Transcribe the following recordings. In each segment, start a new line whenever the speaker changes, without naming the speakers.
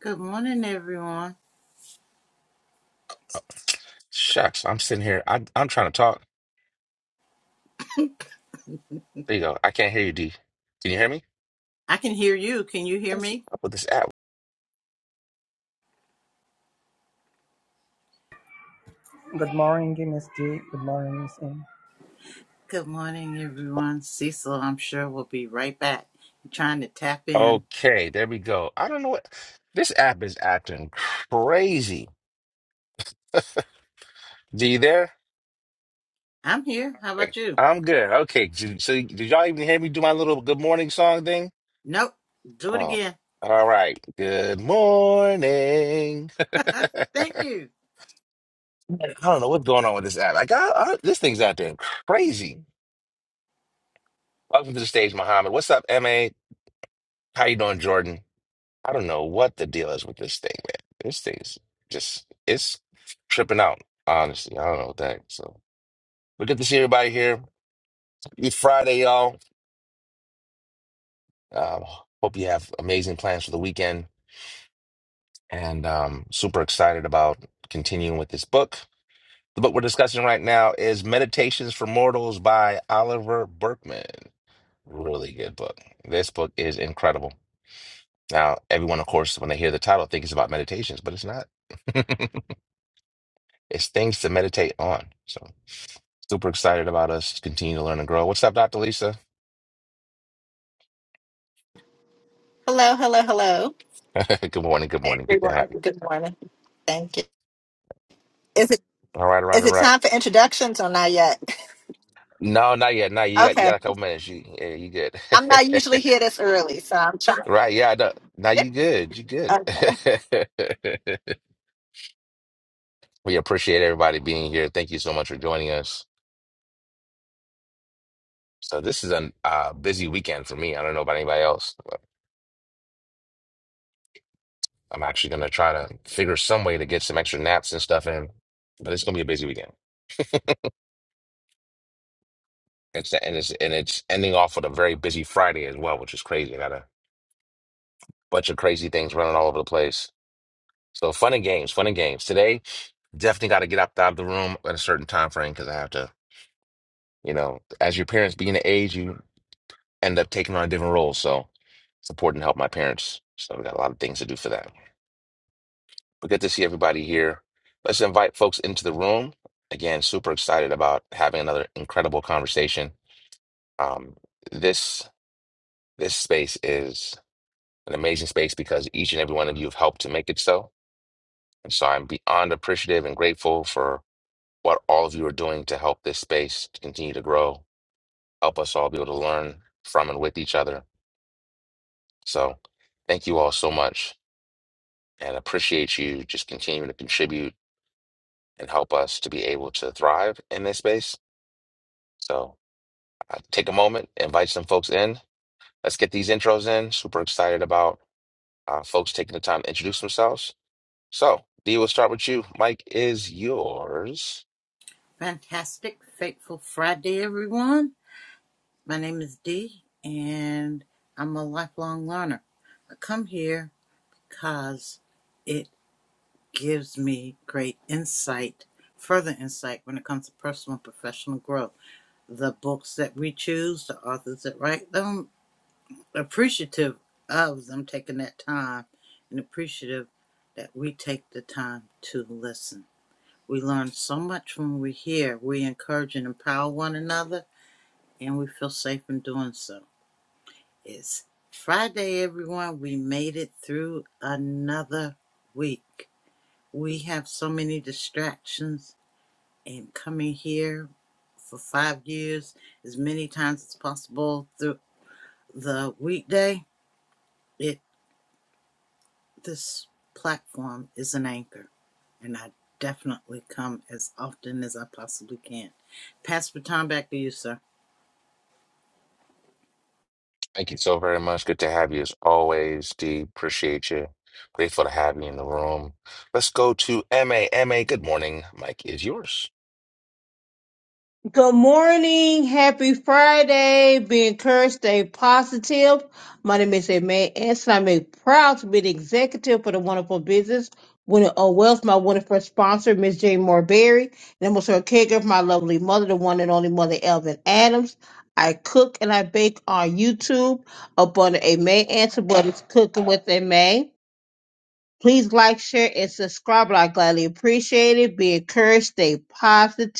Good morning, everyone.
Shucks, I'm sitting here. I, I'm trying to talk. There you go. I can't hear you, D. Can you hear me?
I can hear you. Can you hear
What is
me?
up with this app?
Good morning, Miss D. Good morning, Miss M.
Good morning, everyone. Cecil, I'm sure, will be right back. I'm trying to tap in.
Okay, there we go. I don't know what this app is acting crazy. D, you there?
I'm here. How
Hey,
about you?
I'm good. Okay, j- so y- did y'all even hear me do my little good morning song thing?
Nope. Do it
Oh,
again.
all right. Good morning.
Thank you.
Man, I don't know what's going on with this app. Like, I, I, this thing's acting crazy. Welcome to the stage, Muhammad. What's up, MA? How you doing, Jordan? I don't know what the deal is with this thing, man. This thing's just it's tripping out, honestly. I don't know what that. So but good to see everybody here. It's Friday, y'all. Um, hope you have amazing plans for the weekend and um super excited about continuing with this book. The book we're discussing right now is Meditations for Mortals by Oliver Berkman. Really good book. This book is incredible. Now, everyone, of course, when they hear the title, thinks it's about meditations, but it's not. It's things to meditate on. So super excited about us continue to learn and grow. What's up, Dr. Lisa?
Hello, hello, hello.
good morning. Good
Hey
morning. Good to have
everyone.
you.
Good morning. Thank you. Is it
All right. All right.
is
All
it
right.
time for introductions or not yet?
No, not yet. Now you got you got
Okay.
a couple minutes. You yeah, you good.
I'm not usually here this early, so I'm trying.
right. Yeah. I Now you good. You good.
Okay.
we appreciate everybody being here. Thank you so much for joining us. So this is a uh, busy weekend for me. I don't know about anybody else. But I'm actually gonna try to figure some way to get some extra naps and stuff in. But it's gonna be a busy weekend. It's and it's and it's ending off with a very busy Friday as well, which is crazy. I Got a bunch of crazy things running all over the place. So fun and games, fun and games. Today, definitely got to get up out of the room at a certain time frame because I have to, you know, as your parents being the age, you end up taking on different roles. So it's important to help my parents. So we got a lot of things to do for that. But good to see everybody here. Let's invite folks into the room. Again, super excited about having another incredible conversation. Um, this this space is. an amazing space because each and every one of you have helped to make it so. And so I'm beyond appreciative and grateful for what all of you are doing to help this space to continue to grow, help us all be able to learn from and with each other. So thank you all so much and appreciate you just continuing to contribute and help us to be able to thrive in this space. So uh, take a moment, invite some folks in. Let's get these intros in. Super excited about uh, folks taking the time to introduce themselves. So, D, we'll start with you. Mike is yours.
Fantastic, fateful Friday, everyone. My name is Dee, and I'm a lifelong learner. I come here because it gives me great insight, further insight when it comes to personal and professional growth. the books that we choose, the authors that write them, appreciative of them taking that time and appreciative that we take the time to listen. We learn so much when we hear. We encourage and empower one another, and we feel safe in doing so. It's Friday, everyone. We made it through another week. We have so many distractions, and coming here for five years as many times as possible through. the weekday, it this platform is an anchor, and I definitely come as often as I possibly can. Pass the time back to you, sir.
Thank you so very much. Good to have you as always, D. Appreciate you. Grateful to have you in the room. Let's go to M A M A. good morning. Mike is yours.
Good morning. Happy Friday. Be encouraged. Stay positive. My name is Aimee Anson. I'm a proud to be the executive for the wonderful business. Winner O Wealth, my wonderful sponsor, Miss Jane Moore Berry, and I'm also a caregiver for my lovely mother, the one and only mother, Elvin Adams. I cook and I bake on YouTube up under Aimee Anson, but it's cooking with Aimee. Please like, share, and subscribe. I gladly appreciate it. Be encouraged. Stay positive.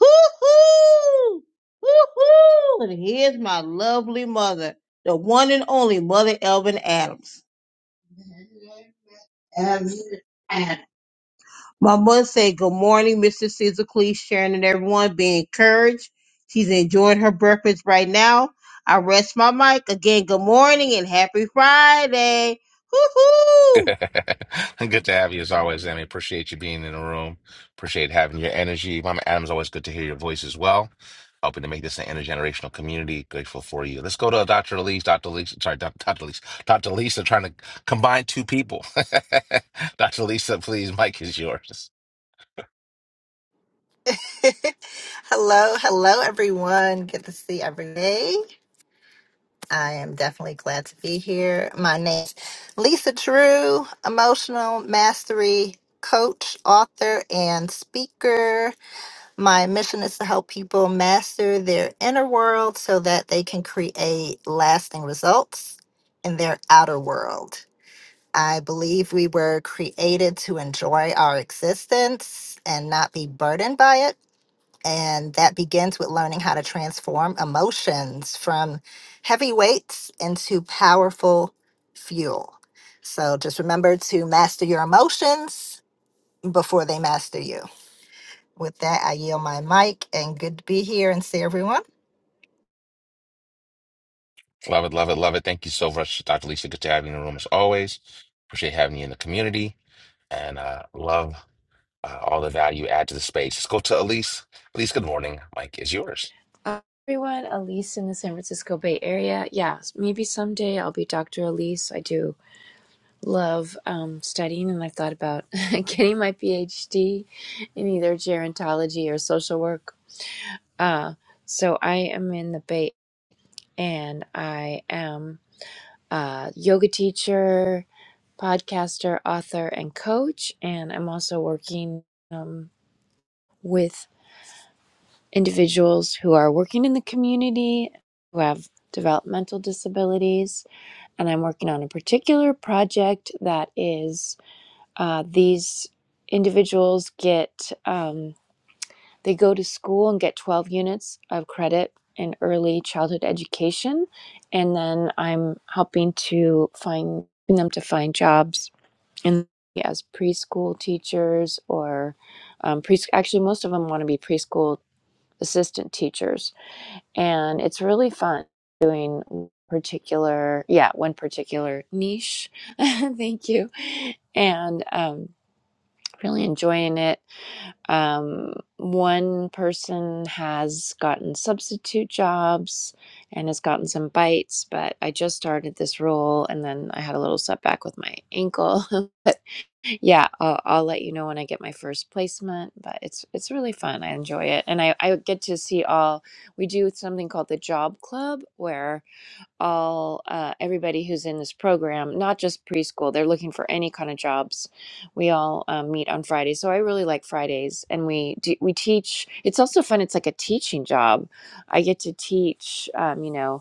Hoo-hoo! Hoo-hoo! And here's my lovely mother, the one and only Mother Elvin Adams. Elvin Adams. My mother said, Good morning, Mr. Caesar Cleese, Sharon, and everyone. Be encouraged. She's enjoying her breakfast right now. I rest my mic. Again, good morning and happy Friday. Hoo-hoo!
Good to have you as always, Emmy. Appreciate you being in the room. Appreciate having your energy. Mama Adams, always good to hear your voice as well. Hoping to make this an intergenerational community. Grateful for you. Let's go to Dr. Elise. Dr. Elise, sorry, Dr. Elise. Dr. Lisa trying to combine two people. Dr. Lisa, please, mic is yours.
hello, hello everyone. Good to see every day. I am definitely glad to be here. My name's Lisa True, emotional mastery coach, author, and speaker. My mission is to help people master their inner world so that they can create lasting results in their outer world. I believe we were created to enjoy our existence and not be burdened by it. And that begins with learning how to transform emotions from heavy weights into powerful fuel. So just remember to master your emotions before they master you. With that, I yield my mic and good to be here and see everyone.
Love it, love it, love it. Thank you so much, Dr. Lisa. Good to have you in the room as always. Appreciate having you in the community and uh, love uh, all the value you add to the space. Let's go to Elise. Elise, good morning. Mike is yours.
Uh, everyone, Elise in the San Francisco Bay Area. Yeah, maybe someday I'll be Dr. Elise. I do love um, studying, and I've thought about getting my PhD in either gerontology or social work. Uh, so I am in the Bay, and I am a yoga teacher, podcaster, author, and coach. And I'm also working um, with individuals who are working in the community who have developmental disabilities. And I'm working on a particular project that is uh, these individuals get, um, they go to school and get 12 units of credit in early childhood education. And then I'm helping to find them to find jobs in as preschool teachers or um, pre- actually most of them want to be preschool assistant teachers and it's really fun doing particular yeah one particular niche thank you and um really enjoying it um, one person has gotten substitute jobs and has gotten some bites, but I just started this role and then I had a little setback with my ankle. but yeah, I'll, I'll let you know when I get my first placement, but it's it's really fun. I enjoy it. And I, I get to see all, we do something called the Job Club where all uh, everybody who's in this program, not just preschool. They're looking for any kind of jobs. We all um, meet on Fridays, so I really like Fridays, and we do, we teach. It's also fun. It's like a teaching job. I get to teach. Um, you know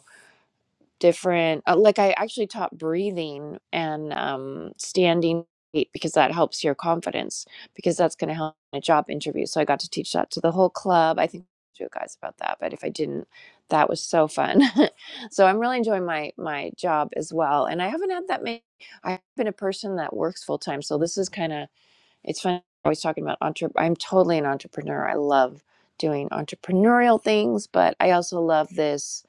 different uh, like i actually taught breathing and um, standing gait because that helps your confidence because that's going to help in a job interview so i got to teach that to the whole club i think I told you guys about that but if i didn't that was so fun so i'm really enjoying my my job as well and i haven't had that many i've been a person that works full time so this is kind of it's fun. Always talking about entre. I'm totally an entrepreneur. I love doing entrepreneurial things, but I also love this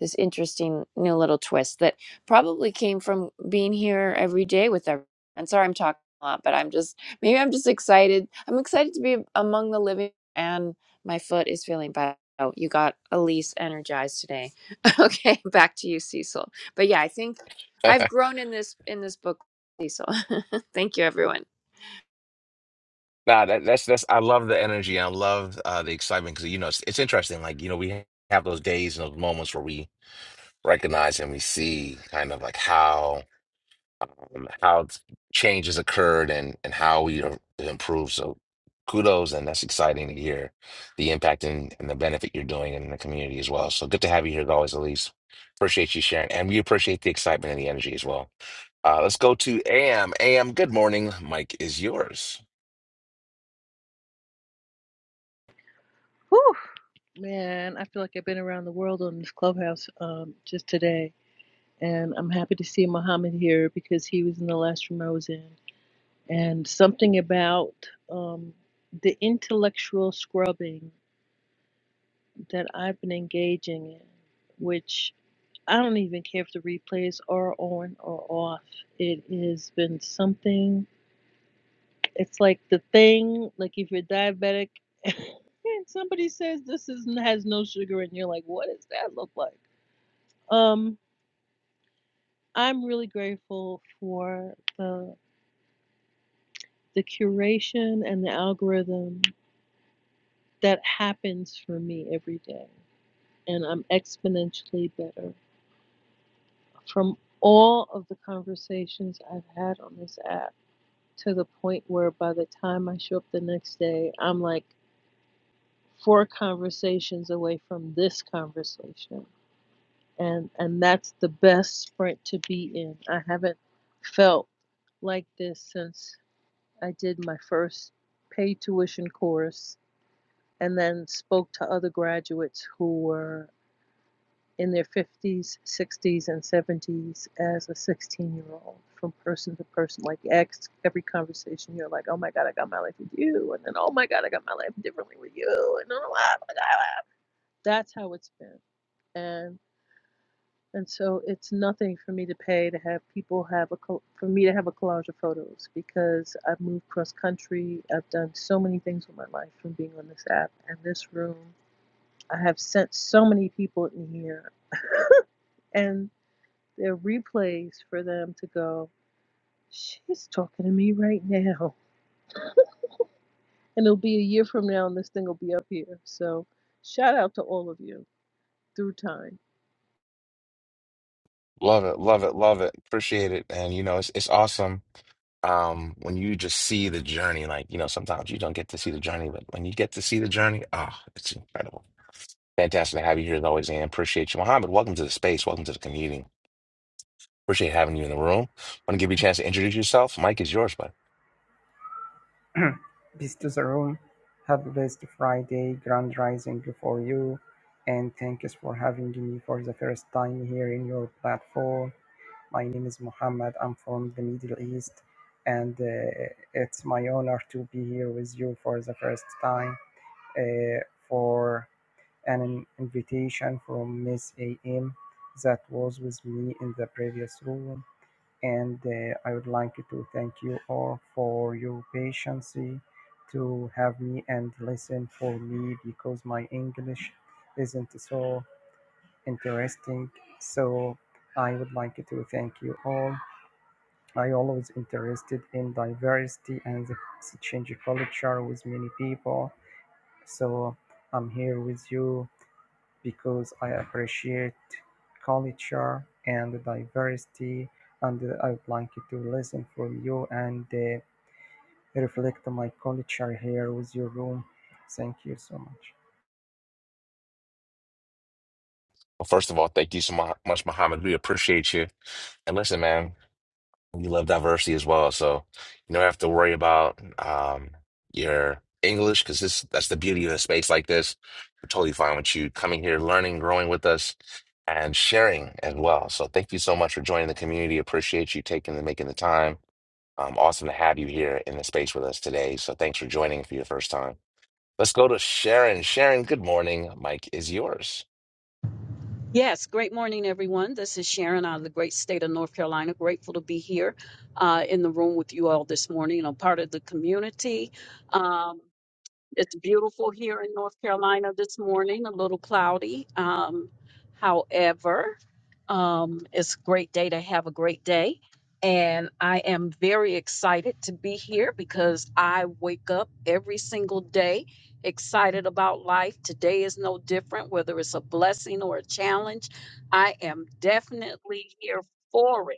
this interesting new little twist that probably came from being here every day with everyone. And sorry, I'm talking a lot, but I'm just maybe I'm just excited. I'm excited to be among the living, and my foot is feeling bad. Oh, you got Elise energized today. okay, back to you, Cecil. But yeah, I think
nah,
I've grown in this in this book, Cecil. Thank you, everyone.
that, that's that's. I love the energy. I love uh, the excitement because you know it's, it's interesting. Like you know, we have those days and those moments where we recognize and we see kind of like how um, how t- change has occurred and and how we are improved. So kudos, and that's exciting to hear the impact and, and the benefit you're doing in the community as well. So good to have you here as always, Elise. Appreciate you sharing, and we appreciate the excitement and the energy as well. Uh, let's go to AM. AM, good morning. Mike is yours.
Whew, man, I feel like I've been around the world on this clubhouse um, just today. And I'm happy to see Muhammad here because he was in the last room I was in. And something about um, the intellectual scrubbing that I've been engaging in, which I don't even care if the replays are on or off. It has been something, it's like the thing, like if you're diabetic and somebody says this is, has no sugar, and you're like, what does that look like? Um, I'm really grateful for the the curation and the algorithm that happens for me every day, and I'm exponentially better from all of the conversations I've had on this app to the point where by the time I show up the next day, I'm like four conversations away from this conversation. And and that's the best sprint to be in. I haven't felt like this since I did my first paid tuition course and then spoke to other graduates who were in their 50s, 60s, and 70s as a 16 year old from person to person. Like, ex, every conversation, you're like, oh my God, I got my life with you. And then, oh my God, I got my life differently with you. And then, oh my God. That's how it's been. And And so it's nothing for me to pay to have people have a for me to have a collage of photos because I've moved cross country. I've done so many things with my life from being on this app and this room. I have sent so many people in here, and there are replays for them to go. She's talking to me right now, and it'll be a year from now, and this thing will be up here. So shout out to all of you through time.
Love it, love it, love it. Appreciate it, and you know it's it's awesome um when you just see the journey like you know sometimes you don't get to see the journey but when you get to see the journey ah it's incredible Fantastic to have you here as always, and appreciate you. Mohammed, welcome to the space. Welcome to the community. Appreciate having you in the room. Want to give you a chance to introduce yourself. Mike is yours, bud.
Peace to the room. Have a blessed Friday, grand rising for you. And thank you for having me for the first time here in your platform. My name is Mohammed. I'm from the Middle East. And uh, it's my honor to be here with you for the first time uh, for an invitation from Miss AM that was with me in the previous room and uh, I would like to thank you all for your patience eh, to have me and listen for me because my English isn't so interesting. So I would like to thank you all. I always interested in diversity and the exchange culture with many people. So I'm here with you because I appreciate culture and diversity, and I would like to listen from you and uh, reflect my culture here with your room. Thank you so much.
Well, first of all, thank you so mu- much, Mohammed. We appreciate you. And listen, man, we love diversity as well. So you don't have to worry about um, your English because this that's the beauty of a space like this. We're totally fine with you coming here, learning, growing with us, and sharing as well. So thank you so much for joining the community. Appreciate you taking and making the time. Um, awesome to have you here in the space with us today. So thanks for joining for your first time. Let's go to Sharon. Sharon, good morning. Mike is yours.
Yes, great morning, everyone. This is Sharon out of the great state of North Carolina. Grateful to be here uh, in the room with you all this morning. I'm part of the community. Um, it's beautiful here in North Carolina this morning, a little cloudy. Um, however, um, it's a great day to have a great day. And I am very excited to be here because I wake up every single day excited about life. Today is no different, whether it's a blessing or a challenge. I am definitely here for it.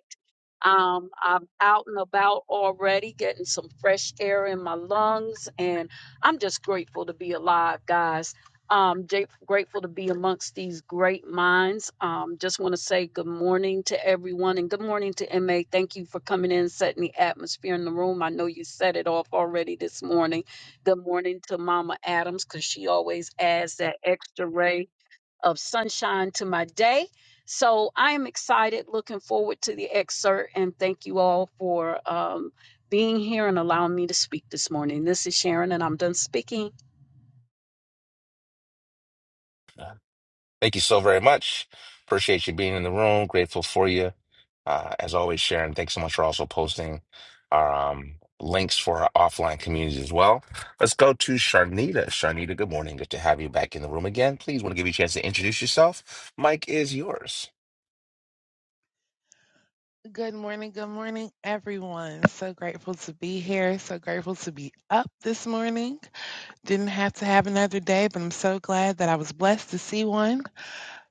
Um, I'm out and about already, getting some fresh air in my lungs, and I'm just grateful to be alive, guys. Um, j- grateful to be amongst these great minds. Um, just want to say good morning to everyone, and good morning to MA. Thank you for coming in, setting the atmosphere in the room. I know you set it off already this morning. Good morning to Mama Adams, cause she always adds that extra ray of sunshine to my day. So I am excited, looking forward to the excerpt, and thank you all for um, being here and allowing me to speak this morning. This is Sharon, and I'm done speaking.
Uh, Thank you so very much. Appreciate you being in the room. Grateful for you. Uh, as always, Sharon, thanks so much for also posting our um, links for our offline communities as well. Let's go to Sharnita. Sharnita, good morning. Good to have you back in the room again. Please want to give you a chance to introduce yourself. Mike is yours.
Good morning, good morning, everyone. So grateful to be here. So grateful to be up this morning. Didn't have to have another day, but I'm so glad that I was blessed to see one.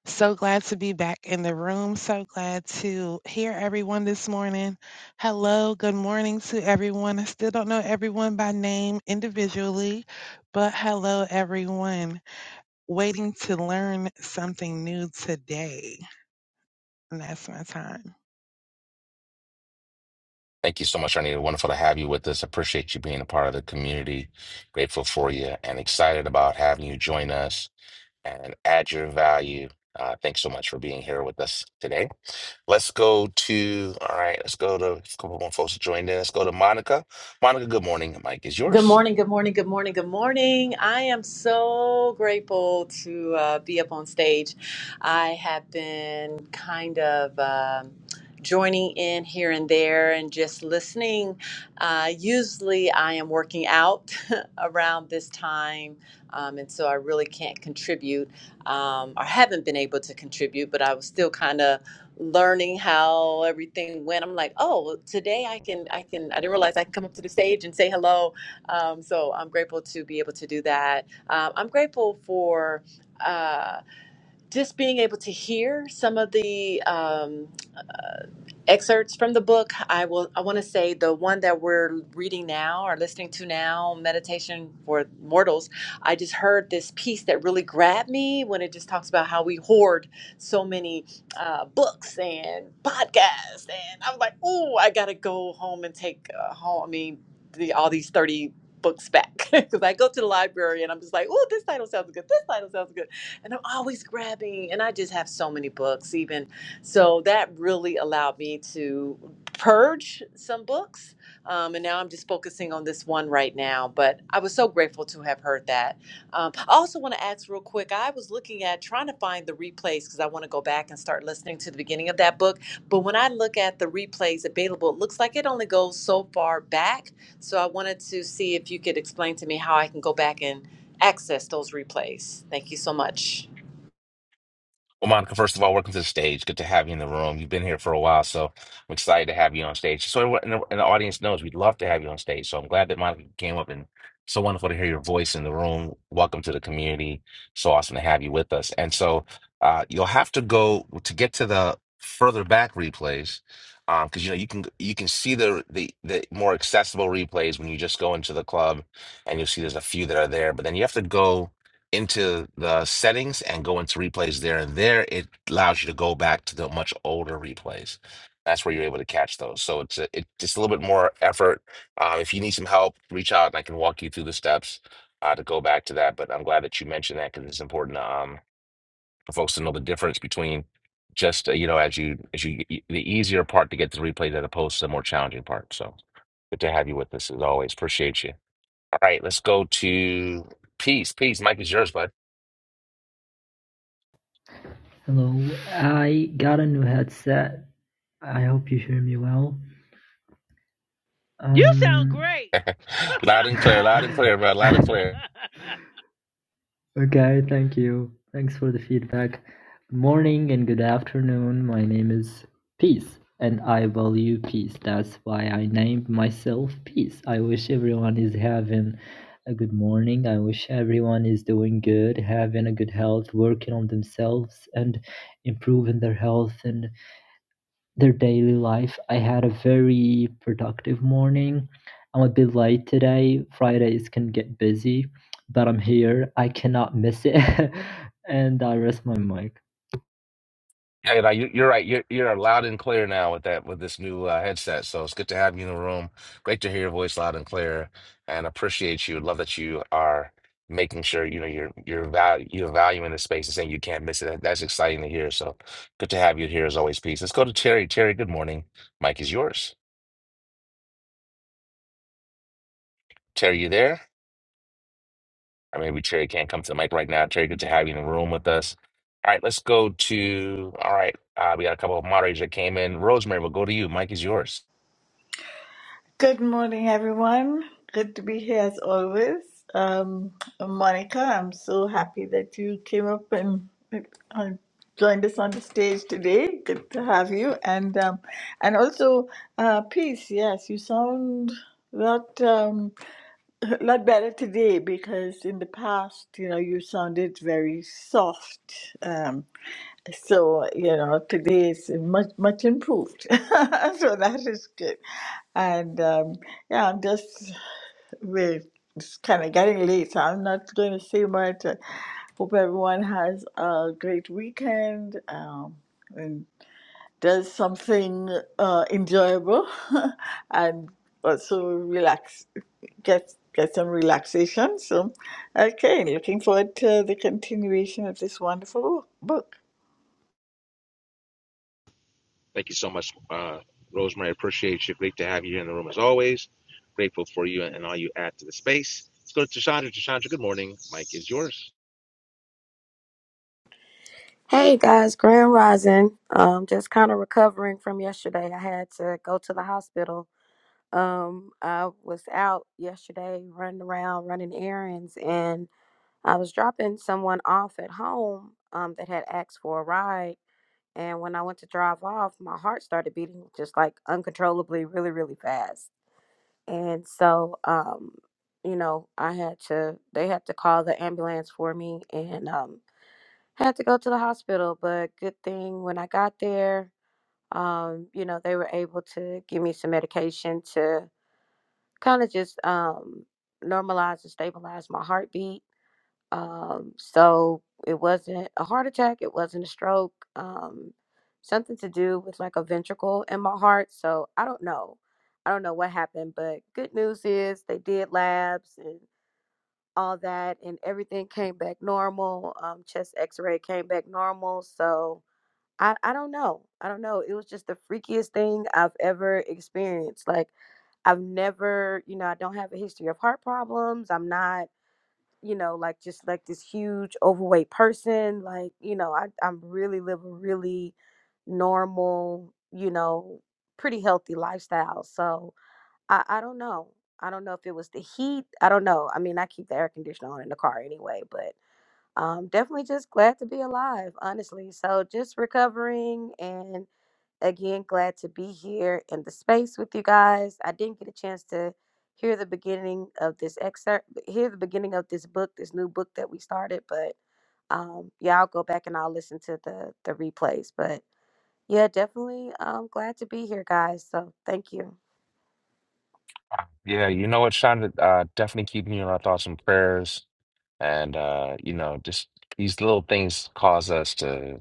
So glad to be back in the room. So glad to hear everyone this morning. Hello, good morning to everyone. I still don't know everyone by name individually, but hello, everyone. Waiting to learn something new today. And that's my time.
Thank you so much, Arnita. Wonderful to have you with us. Appreciate you being a part of the community. Grateful for you and excited about having you join us and add your value. Uh, thanks so much for being here with us today. Let's go to, all right, let's go to a couple more folks that joined in. Let's go to Monica. Monica, good morning. Mike is
Good
yours.
morning, good morning, good morning, good morning. I am so grateful to uh, be up on stage. I have been kind of um joining in here and there and just listening. Uh, usually I am working out around this time, um, and so I really can't contribute um, or haven't been able to contribute, but I was still kind of learning how everything went i'm like oh today i can i can i didn't realize i can come up to the stage and say hello um, so I'm grateful to be able to do that. Um, I'm grateful for uh, just being able to hear some of the. Um, excerpts from the book. I will. I want to say the one that we're reading now or listening to now, meditation for mortals. I just heard this piece that really grabbed me when it just talks about how we hoard so many uh, books and podcasts, and I was like, oh, I gotta go home and take uh, home. I mean, the, all these thirty books back because I go to the library and I'm just like, oh, this title sounds good. This title sounds good, and I'm always grabbing, and I just have so many books, even. So that really allowed me to purge some books. Um, and now I'm just focusing on this one right now. But I was so grateful to have heard that. Um, I also want to ask real quick I was looking at trying to find the replays because I want to go back and start listening to the beginning of that book. But when I look at the replays available, it looks like it only goes so far back. So I wanted to see if you could explain to me how I can go back and access those replays. Thank you so much.
Well, Monica, first of all, welcome to the stage. Good to have you in the room. You've been here for a while, so I'm excited to have you on stage. So everyone in the, and the audience knows we'd love to have you on stage. So I'm glad that Monica came up and so wonderful to hear your voice in the room. Welcome to the community. So awesome to have you with us. And so uh, you'll have to go to get to the further back replays um, because you know you can you can see the, the the more accessible replays when you just go into the club and you'll see there's a few that are there. But then you have to go into the settings and go into replays there and there it allows you to go back to the much older replays that's where you're able to catch those so it's a, it, it's a little bit more effort uh, if you need some help reach out and i can walk you through the steps uh, to go back to that but i'm glad that you mentioned that because it's important um, for folks to know the difference between just uh, you know as you as you the easier part to get the replay, as opposed to the more challenging part so good to have you with us as always appreciate you all right let's go to peace peace mike is yours bud
Hello, I got a new headset. I hope you hear me well.
You sound
Um,
great.
Loud and clear, loud and clear, bro. Loud
okay,
and clear.
thank you. Thanks for the feedback. Good morning and good afternoon. My name is Peace, and I value peace. That's why I named myself Peace. I wish everyone is having a good morning. I wish everyone is doing good, having a good health, working on themselves, and improving their health and their daily life. I had a very productive morning. I'm a bit late today. Fridays can get busy, but I'm here. I cannot miss it. and I rest my mic.
Hey, now you, you're right. You're you're loud and clear now with that with this new uh, headset. So it's good to have you in the room. Great to hear your voice loud and clear, and appreciate you. Love that you are making sure you know you're you're value you're valuing the space and saying you can't miss it. That- That's exciting to hear. So good to have you here as always. Peace. Let's go to Terry. Terry, good morning. Mike is yours. Terry, you there? Or maybe Terry can't come to the mic right now. Terry, good to have you in the room with us. All right, let's go to. All right, uh, we got a couple of moderators that came in. Rosemary, we'll go to you. Mike is yours.
Good morning, everyone. Good to be here as always. Um, Monica, I'm so happy that you came up and uh, joined us on the stage today. Good to have you, and um, and also uh, peace. Yes, you sound that. Um, A lot better today because in the past, you know, you sounded very soft. Um, so, you know, today is much, much improved. so that is good. And um, yeah, I'm just, we're kind of getting late, so I'm not going to say much. I hope everyone has a great weekend. Um, does something uh, enjoyable and also relax, get get some relaxation. So, okay, looking forward to the continuation of this wonderful wo- book.
Thank you so much, uh, Rosemary. Appreciate you. Great to have you here in the room as always. Grateful for you and all you add to the space. Let's go to Chandra. Chandra, good morning. Mike is yours.
Hey guys, Grand Rising. Um, just kind of recovering from yesterday. I had to go to the hospital. Um, I was out yesterday running around, running errands, and I was dropping someone off at home um, that had asked for a ride. And when I went to drive off, my heart started beating just like uncontrollably, really, really fast. And so, um, you know, I had to, they had to call the ambulance for me. And, um, had to go to the hospital, but good thing when I got there, um, you know, they were able to give me some medication to kind of just um, normalize and stabilize my heartbeat. Um, so it wasn't a heart attack, it wasn't a stroke, um, something to do with like a ventricle in my heart. So I don't know. I don't know what happened, but good news is they did labs and all that, and everything came back normal. Um, chest x ray came back normal. So, I, I don't know. I don't know. It was just the freakiest thing I've ever experienced. Like, I've never, you know, I don't have a history of heart problems. I'm not, you know, like just like this huge overweight person. Like, you know, I, I'm really live a really normal, you know, pretty healthy lifestyle. So I, I don't know. I don't know if it was the heat. I don't know. I mean, I keep the air conditioner on in the car anyway, but um, definitely just glad to be alive, honestly. So just recovering and again glad to be here in the space with you guys i didn't get a chance to hear the beginning of this excerpt hear the beginning of this book this new book that we started but um yeah i'll go back and i'll listen to the the replays but yeah definitely um glad to be here guys so thank you
Yeah, you know what, Shonda, Uh, definitely keeping you in our thoughts and prayers. And, uh, you know, just these little things cause us to.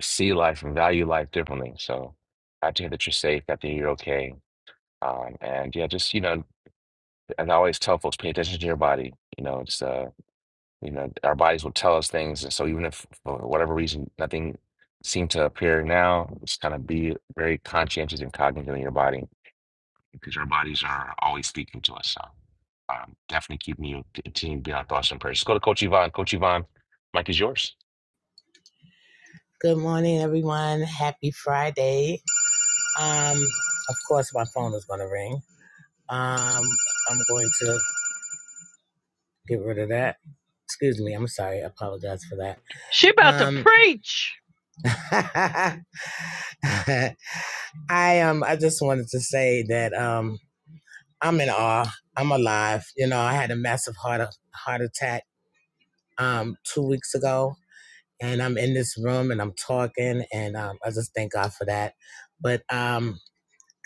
see life and value life differently. So glad to hear that you're safe, glad to hear you're okay. Um, and yeah, just, you know, as I always tell folks, pay attention to your body. You know, it's, uh, you know, our bodies will tell us things. And so even if for whatever reason nothing seemed to appear now, just kind of be very conscientious and cognizant of your body because our bodies are always speaking to us. So um, definitely keep me continue to be on thoughts and prayers. Just go to Coach Yvonne. Coach Yvonne, Mike is yours.
Good morning, everyone. Happy Friday. Um, of course, my phone is going to ring. Um, I'm going to get rid of that. Excuse me. I'm sorry. I apologize for that.
She about to
Um,
preach.
I um, I just wanted to say that um, I'm in awe. I'm alive. You know, I had a massive heart heart attack um two weeks ago, and I'm in this room and I'm talking, and um, I just thank God for that. But um,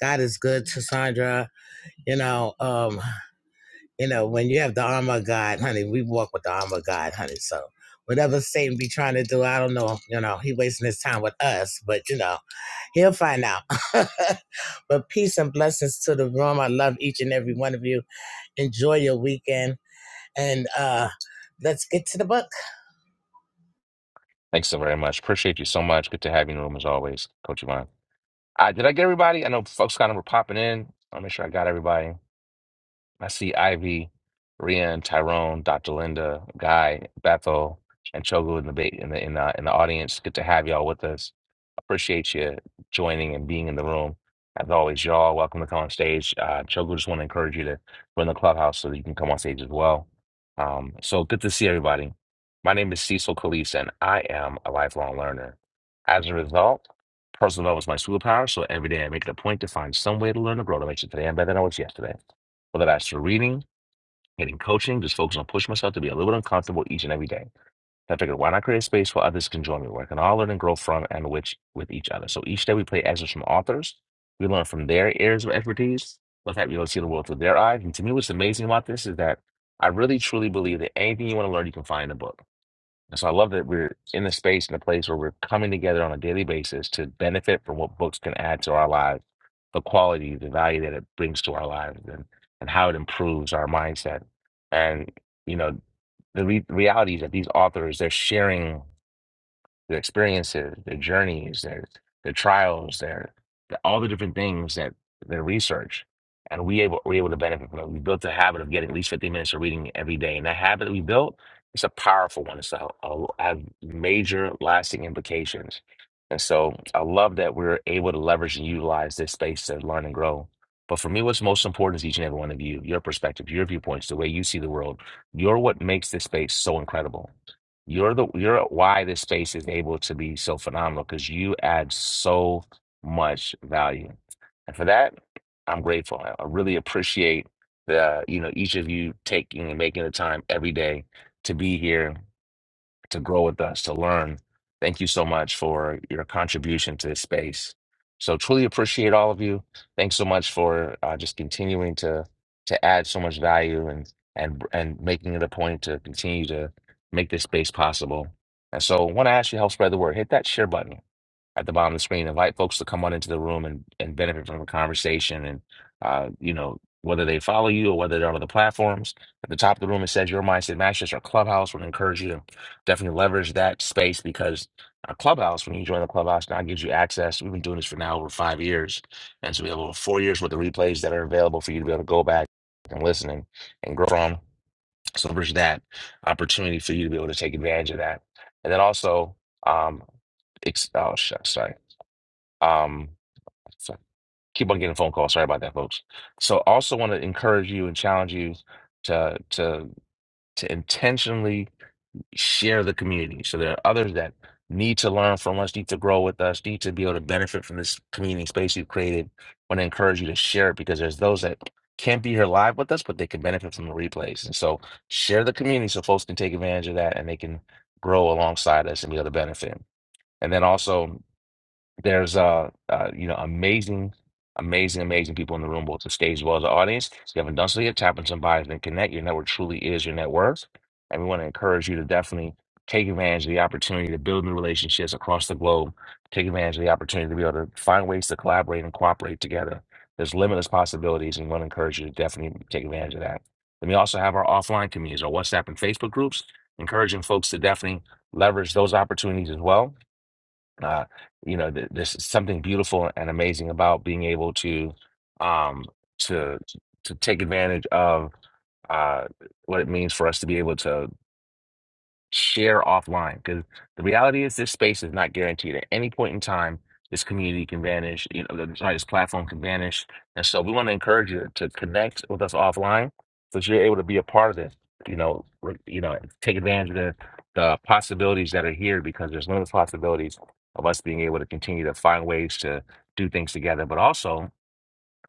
God is good Cassandra. You know, um, you know, when you have the armor of God, honey, we walk with the armor of God, honey. So whatever Satan be trying to do, I don't know, you know, he wasting his time with us, but you know, he'll find out. but peace and blessings to the room. I love each and every one of you. Enjoy your weekend. And uh, let's get to the book.
Thanks so very much. Appreciate you so much. Good to have you in the room as always, Coach Yvonne. Uh, did I get everybody? I know folks kind of were popping in. I'll make sure I got everybody. I see Ivy, Rian, Tyrone, Dr. Linda, Guy, Bethel, and Chogu in the ba- in the in the, in the audience. Good to have y'all with us. Appreciate you joining and being in the room. As always, y'all, welcome to come on stage. Uh, Chogu, just want to encourage you to join the clubhouse so that you can come on stage as well. Um, so good to see everybody. My name is Cecil Kalise, and I am a lifelong learner. As a result, personal development is my superpower, so every day I make it a point to find some way to learn and grow to make sure today I'm better than I was yesterday. Whether that's through reading, getting coaching, just focus on pushing myself to be a little bit uncomfortable each and every day. So I figured, why not create a space where others can join me, where I can all learn and grow from and which with each other. So each day we play excerpts from authors. We learn from their areas of expertise. Let have you see the world through their eyes. And to me, what's amazing about this is that I really truly believe that anything you want to learn, you can find in a book. And so I love that we're in the space and the place where we're coming together on a daily basis to benefit from what books can add to our lives, the quality, the value that it brings to our lives, and, and how it improves our mindset. And, you know, the re- reality is that these authors, they're sharing their experiences, their journeys, their their trials, their, their- all the different things that their research, and we able we're able to benefit from it. We built a habit of getting at least 15 minutes of reading every day, and that habit that we built it's a powerful one. It's a, a have major lasting implications, and so I love that we're able to leverage and utilize this space to learn and grow. But for me, what's most important is each and every one of you, your perspective, your viewpoints, the way you see the world. You're what makes this space so incredible you're the you're why this space is able to be so phenomenal because you add so much value. And for that, I'm grateful. I I really appreciate the, you know, each of you taking and making the time every day to be here to grow with us, to learn. Thank you so much for your contribution to this space. So truly appreciate all of you. Thanks so much for uh, just continuing to to add so much value and and and making it a point to continue to make this space possible. And so, want to ask you to help spread the word. Hit that share button at the bottom of the screen. Invite folks to come on into the room and, and benefit from the conversation. And, uh, you know, whether they follow you or whether they're on other platforms, at the top of the room, it says Your Mindset Masters or Clubhouse. would encourage you to definitely leverage that space because a Clubhouse, when you join the Clubhouse, now gives you access. We've been doing this for now over five years. And so we have over four years worth of replays that are available for you to be able to go back and listen and, and grow from. So there's that opportunity for you to be able to take advantage of that. And then also, um, ex- oh, shucks, sorry. Um, so keep on getting phone calls. Sorry about that, folks. So also want to encourage you and challenge you to to to intentionally share the community. So there are others that need to learn from us, need to grow with us, need to be able to benefit from this community space you've created. want to encourage you to share it because there's those that can't be here live with us, but they can benefit from the replays. And so share the community so folks can take advantage of that and they can grow alongside us and be able to benefit. And then also there's uh, uh you know amazing, amazing, amazing people in the room, both the stage as well as the audience. If you haven't done so yet, tap on somebody and connect. Your network truly is your net worth, and we want to encourage you to definitely take advantage of the opportunity to build new relationships across the globe. Take advantage of the opportunity to be able to find ways to collaborate and cooperate together. There's limitless possibilities, and we want to encourage you to definitely take advantage of that. Then we also have our offline communities, our WhatsApp and Facebook groups, encouraging folks to definitely leverage those opportunities as well uh, you know, th there's something beautiful and amazing about being able to um, to to take advantage of uh, what it means for us to be able to share offline because the reality is this space is not guaranteed at any point in time this community can vanish you know the, sorry this platform can vanish and so we want to encourage you to connect with us offline so that you're able to be a part of this you know re- you know take advantage of the, the possibilities that are here because there's limited possibilities of us being able to continue to find ways to do things together but also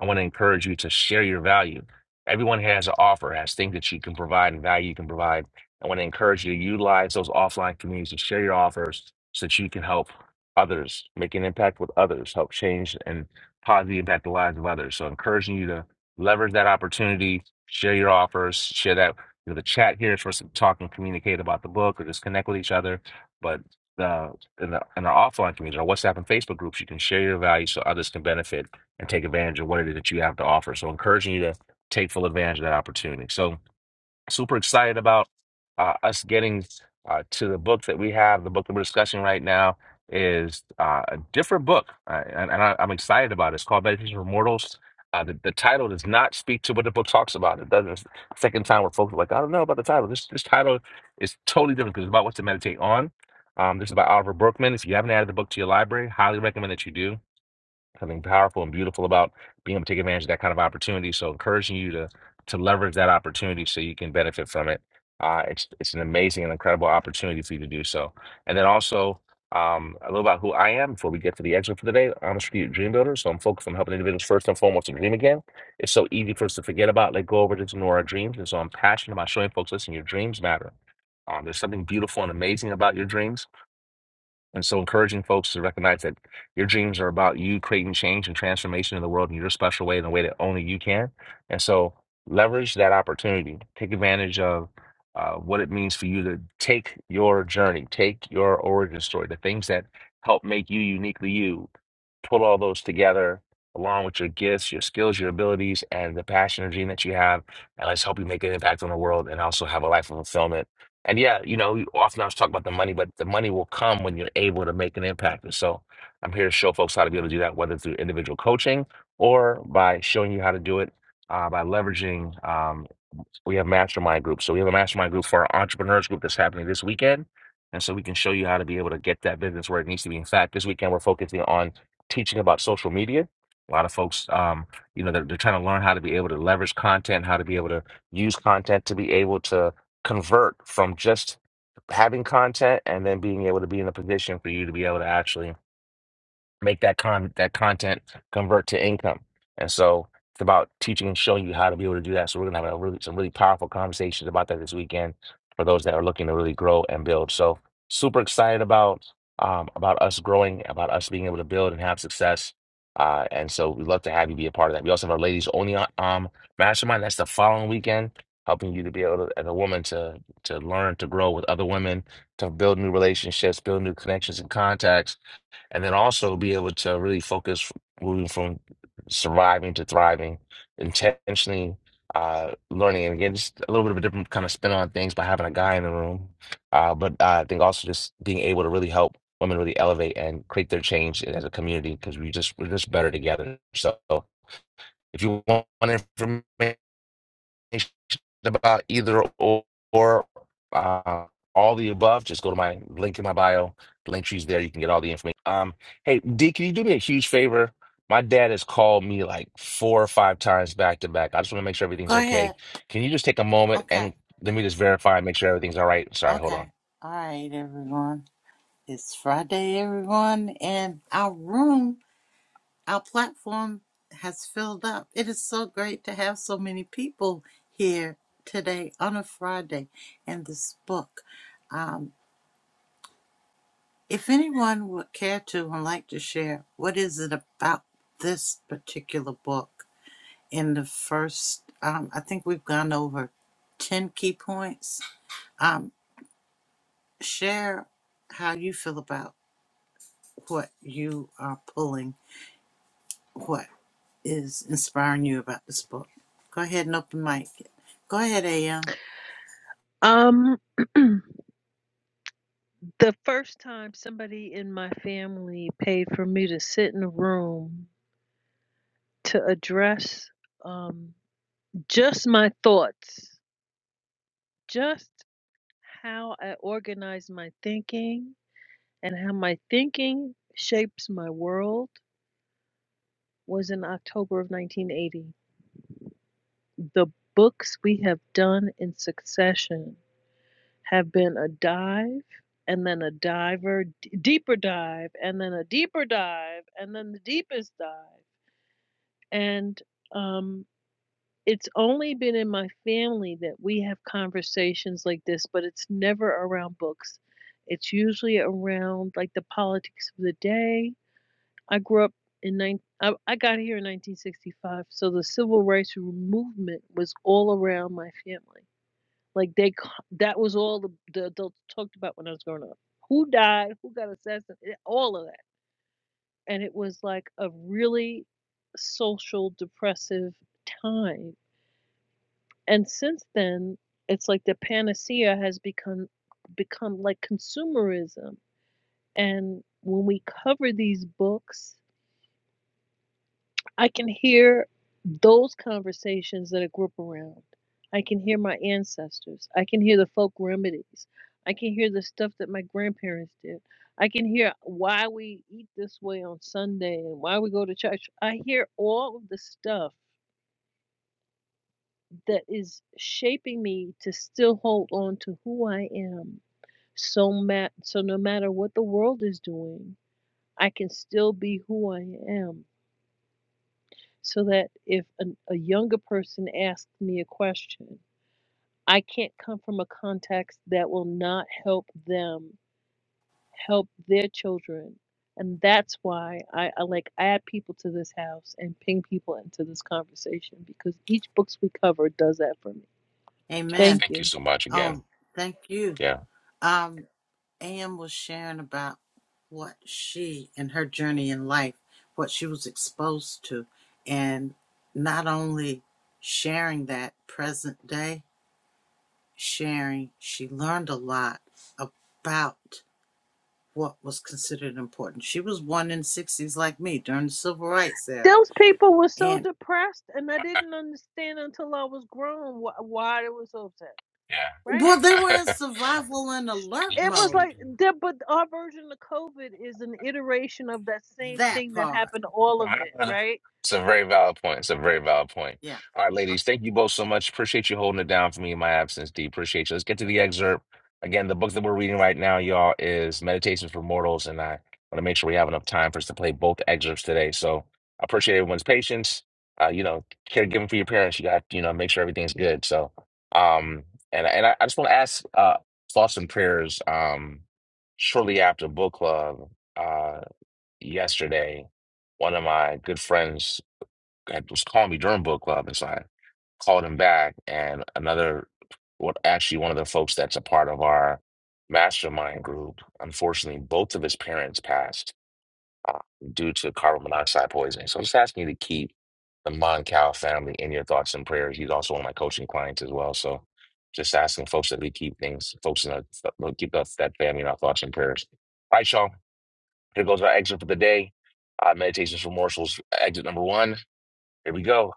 I want to encourage you to share your value. Everyone has an offer, has things that you can provide and value you can provide. I want to encourage you to utilize those offline communities to share your offers so that you can help others, make an impact with others, help change and positively impact the lives of others. So encouraging you to leverage that opportunity, share your offers, share that. You know, the chat here is for us to talk and communicate about the book or just connect with each other. But the in the in our offline community, our WhatsApp and Facebook groups, you can share your value so others can benefit and take advantage of what it is that you have to offer. So, encouraging you to take full advantage of that opportunity. So, super excited about uh, us getting uh, to the book that we have. The book that we're discussing right now is uh, a different book, uh, and, and I, I'm excited about it. It's called Meditation for Mortals. Uh, the, the title does not speak to what the book talks about. It doesn't. Second time we're folks are like, I don't know about the title. This this title is totally different because it's about what to meditate on. Um, this is by Oliver Berkman. If you haven't added the book to your library, highly recommend that you do something powerful and beautiful about being able to take advantage of that kind of opportunity. So encouraging you to to leverage that opportunity so you can benefit from it. Uh, it's it's an amazing and incredible opportunity for you to do so. And then also um, a little about who I am before we get to the exit for the day. I'm a strategic dream builder, so I'm focused on helping individuals first and foremost to dream again. It's so easy for us to forget about, let go over, just ignore our dreams. And so I'm passionate about showing folks, listen, your dreams matter. Um, there's something beautiful and amazing about your dreams and so encouraging folks to recognize that your dreams are about you creating change and transformation in the world in your special way in a way that only you can. And so leverage that opportunity. Take advantage of uh, what it means for you to take your journey, take your origin story, the things that help make you uniquely you, put all those together along with your gifts, your skills, your abilities, and the passion and dream that you have. And let's help you make an impact on the world and also have a life of fulfillment. And yeah, you know, often I was talk about the money, but the money will come when you're able to make an impact. And so I'm here to show folks how to be able to do that, whether through individual coaching or by showing you how to do it uh, by leveraging um, we have mastermind groups. So we have a mastermind group for our entrepreneurs group that's happening this weekend. And so we can show you how to be able to get that business where it needs to be. In fact, this weekend we're focusing on teaching about social media. A lot of folks, um, you know, they're, they're trying to learn how to be able to leverage content, how to be able to use content to be able to convert from just having content and then being able to be in a position for you to be able to actually make that con that content convert to income. And so it's about teaching and showing you how to be able to do that. So we're gonna have a really some really powerful conversations about that this weekend for those that are looking to really grow and build. So super excited about um, about us growing, about us being able to build and have success. Uh, and so we'd love to have you be a part of that. We also have our ladies only um, mastermind. That's the following weekend, helping you to be able to, as a woman to to learn to grow with other women, to build new relationships, build new connections and contacts and then also be able to really focus moving from surviving to thriving, intentionally uh, learning. And again, just a little bit of a different kind of spin on things by having a guy in the room. Uh, but uh, I think also just being able to really help women really elevate and create their change as a community because we just we're just better together. So if you want information about either or, or uh, all the above, just go to my link in my bio. Link tree's there. You can get all the information. Um, hey, D, can you do me a huge favor? My dad has called me like four or five times back to back. I just want to make sure everything's
Go
okay.
ahead.
Can you just take a moment
Okay.
and let me just verify and make sure everything's all right? Sorry, hold on.
Okay. All right, everyone. It's Friday, everyone, and our room, our platform has filled up. It is so great to have so many people here today on a Friday and this book. um. If anyone would care to and like to share, what is it about this particular book in the first, um, I think we've gone over 10 key points. Um, share how you feel about what you are pulling, what is inspiring you about this book. Go ahead and open mic. Go ahead, AM.
Um, the first time somebody in my family paid for me to sit in a room to address um just my thoughts, just how I organize my thinking and how my thinking shapes my world was in October of 1980. The books we have done in succession have been a dive and then a diver, d- deeper dive, and then a deeper dive, and then the deepest dive. And um, it's only been in my family that we have conversations like this, but it's never around books. It's usually around like the politics of the day. I grew up in nine. I, I got here in 1965, so the civil rights movement was all around my family like they, that was all the, the adults talked about when I was growing up. Who died? Who got assassinated? Eh, All of that, and it was like a really social depressive time. And since then, it's like the panacea has become become like consumerism. And when we cover these books I can hear those conversations that I grew up around. I can hear my ancestors. I can hear the folk remedies. I can hear the stuff that my grandparents did. I can hear why we eat this way on Sunday and why we go to church. I hear all of the stuff that is shaping me to still hold on to who I am. So, ma- so no matter what the world is doing, I can still be who I am so that if a, a younger person asks me a question, I can't come from a context that will not help them help their children. And that's why I, I like add people to this house and ping people into this conversation because each books we cover does that for me.
Yes,
Amen.
Thank
thank you
you.
so much again.
Oh, thank you.
Yeah,
Um, Am was sharing about what she and her journey in life, what she was exposed to, and not only sharing that present day, sharing, she learned a lot about what was considered important. She was one in 60s like me during the civil rights era.
Those people were so
And
depressed, and I didn't understand until I was grown wh- why they were so upset. Right?
well, they were in
yeah.
survival and alert
It
yes,
was
mode,
like
indeed.
that, but our version of COVID is an iteration of that same
that
thing that
part.
happened to all of it, right?
It's a very valid point. It's a very valid point.
Yeah.
All right,
Okay.
ladies, thank you both so much. Appreciate you holding it down for me in my absence, D. Appreciate you. Let's get to the excerpt. Again, the book that we're reading right now, y'all, is Meditations for Mortals, and I want to make sure we have enough time for us to play both excerpts today. So I appreciate everyone's patience. Uh, you know, caregiving for your parents, you got, you know, make sure everything's good. So, um, and and I, I just want to ask uh, thoughts and prayers um, shortly after book club. Uh, yesterday, one of my good friends had, was calling me during book club, and so I called him back. And another, what actually one of the folks that's a part of our mastermind group, unfortunately, both of his parents passed uh, due to carbon monoxide poisoning. So I'm just asking you to keep the Moncal family in your thoughts and prayers. He's also one of my coaching clients as well. So just asking folks that we keep things, folks in our, keep us that family in our thoughts and prayers. All right, y'all. Here goes our exit for the day. Uh, Meditations for Morsels, exit number one. Here we go.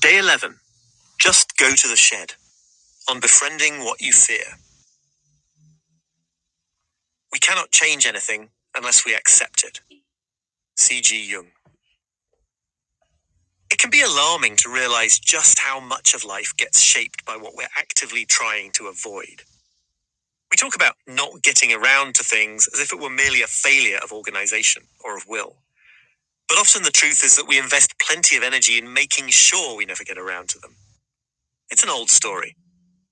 Day 11. Just go to the shed on befriending what you fear. We cannot change anything unless we accept it. C.G. Jung. It can be alarming to realize just how much of life gets shaped by what we're actively trying to avoid. We talk about not getting around to things as if it were merely a failure of organization or of will. But often the truth is that we invest plenty of energy in making sure we never get around to them. It's an old story.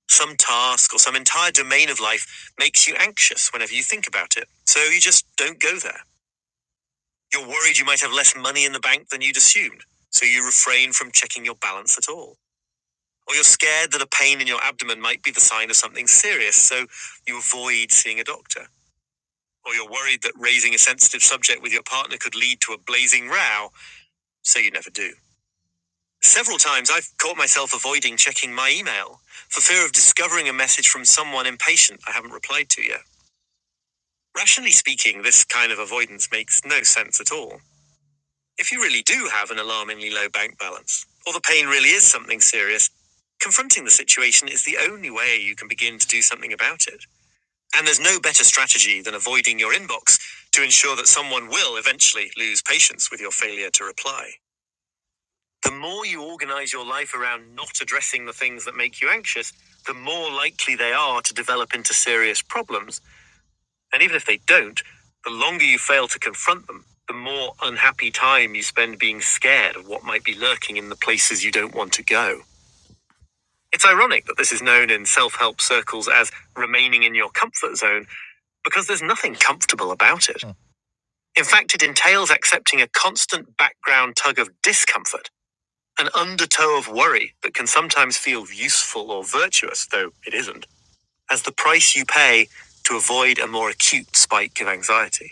Some task or some entire domain of life makes you anxious whenever you think about it. So you just don't go there. You're worried you might have less money in the bank than you'd assumed. So you refrain from checking your balance at all. Or you're scared that a pain in your abdomen might be the sign of something serious. So you avoid seeing a doctor. Or you're worried that raising a sensitive subject with your partner could lead to a blazing row. So you never do. Several times I've caught myself avoiding checking my email for fear of discovering a message from someone impatient I haven't replied to yet. Rationally speaking, this kind of avoidance makes no sense at all. If you really do have an alarmingly low bank balance, or the pain really is something serious, confronting the situation is the only way you can begin to do something about it. And there's no better strategy than avoiding your inbox to ensure that someone will eventually lose patience with your failure to reply. The more you organize your life around not addressing the things that make you anxious, the more likely they are to develop into serious problems and even if they don't, the longer you fail to confront them, the more unhappy time you spend being scared of what might be lurking in the places you don't want to go. It's ironic that this is known in self help circles as remaining in your comfort zone because there's nothing comfortable about it. Mm. In fact, it entails accepting a constant background tug of discomfort, an undertow of worry that can sometimes feel useful or virtuous, though it isn't, as the price you pay to avoid a more acute spike of anxiety.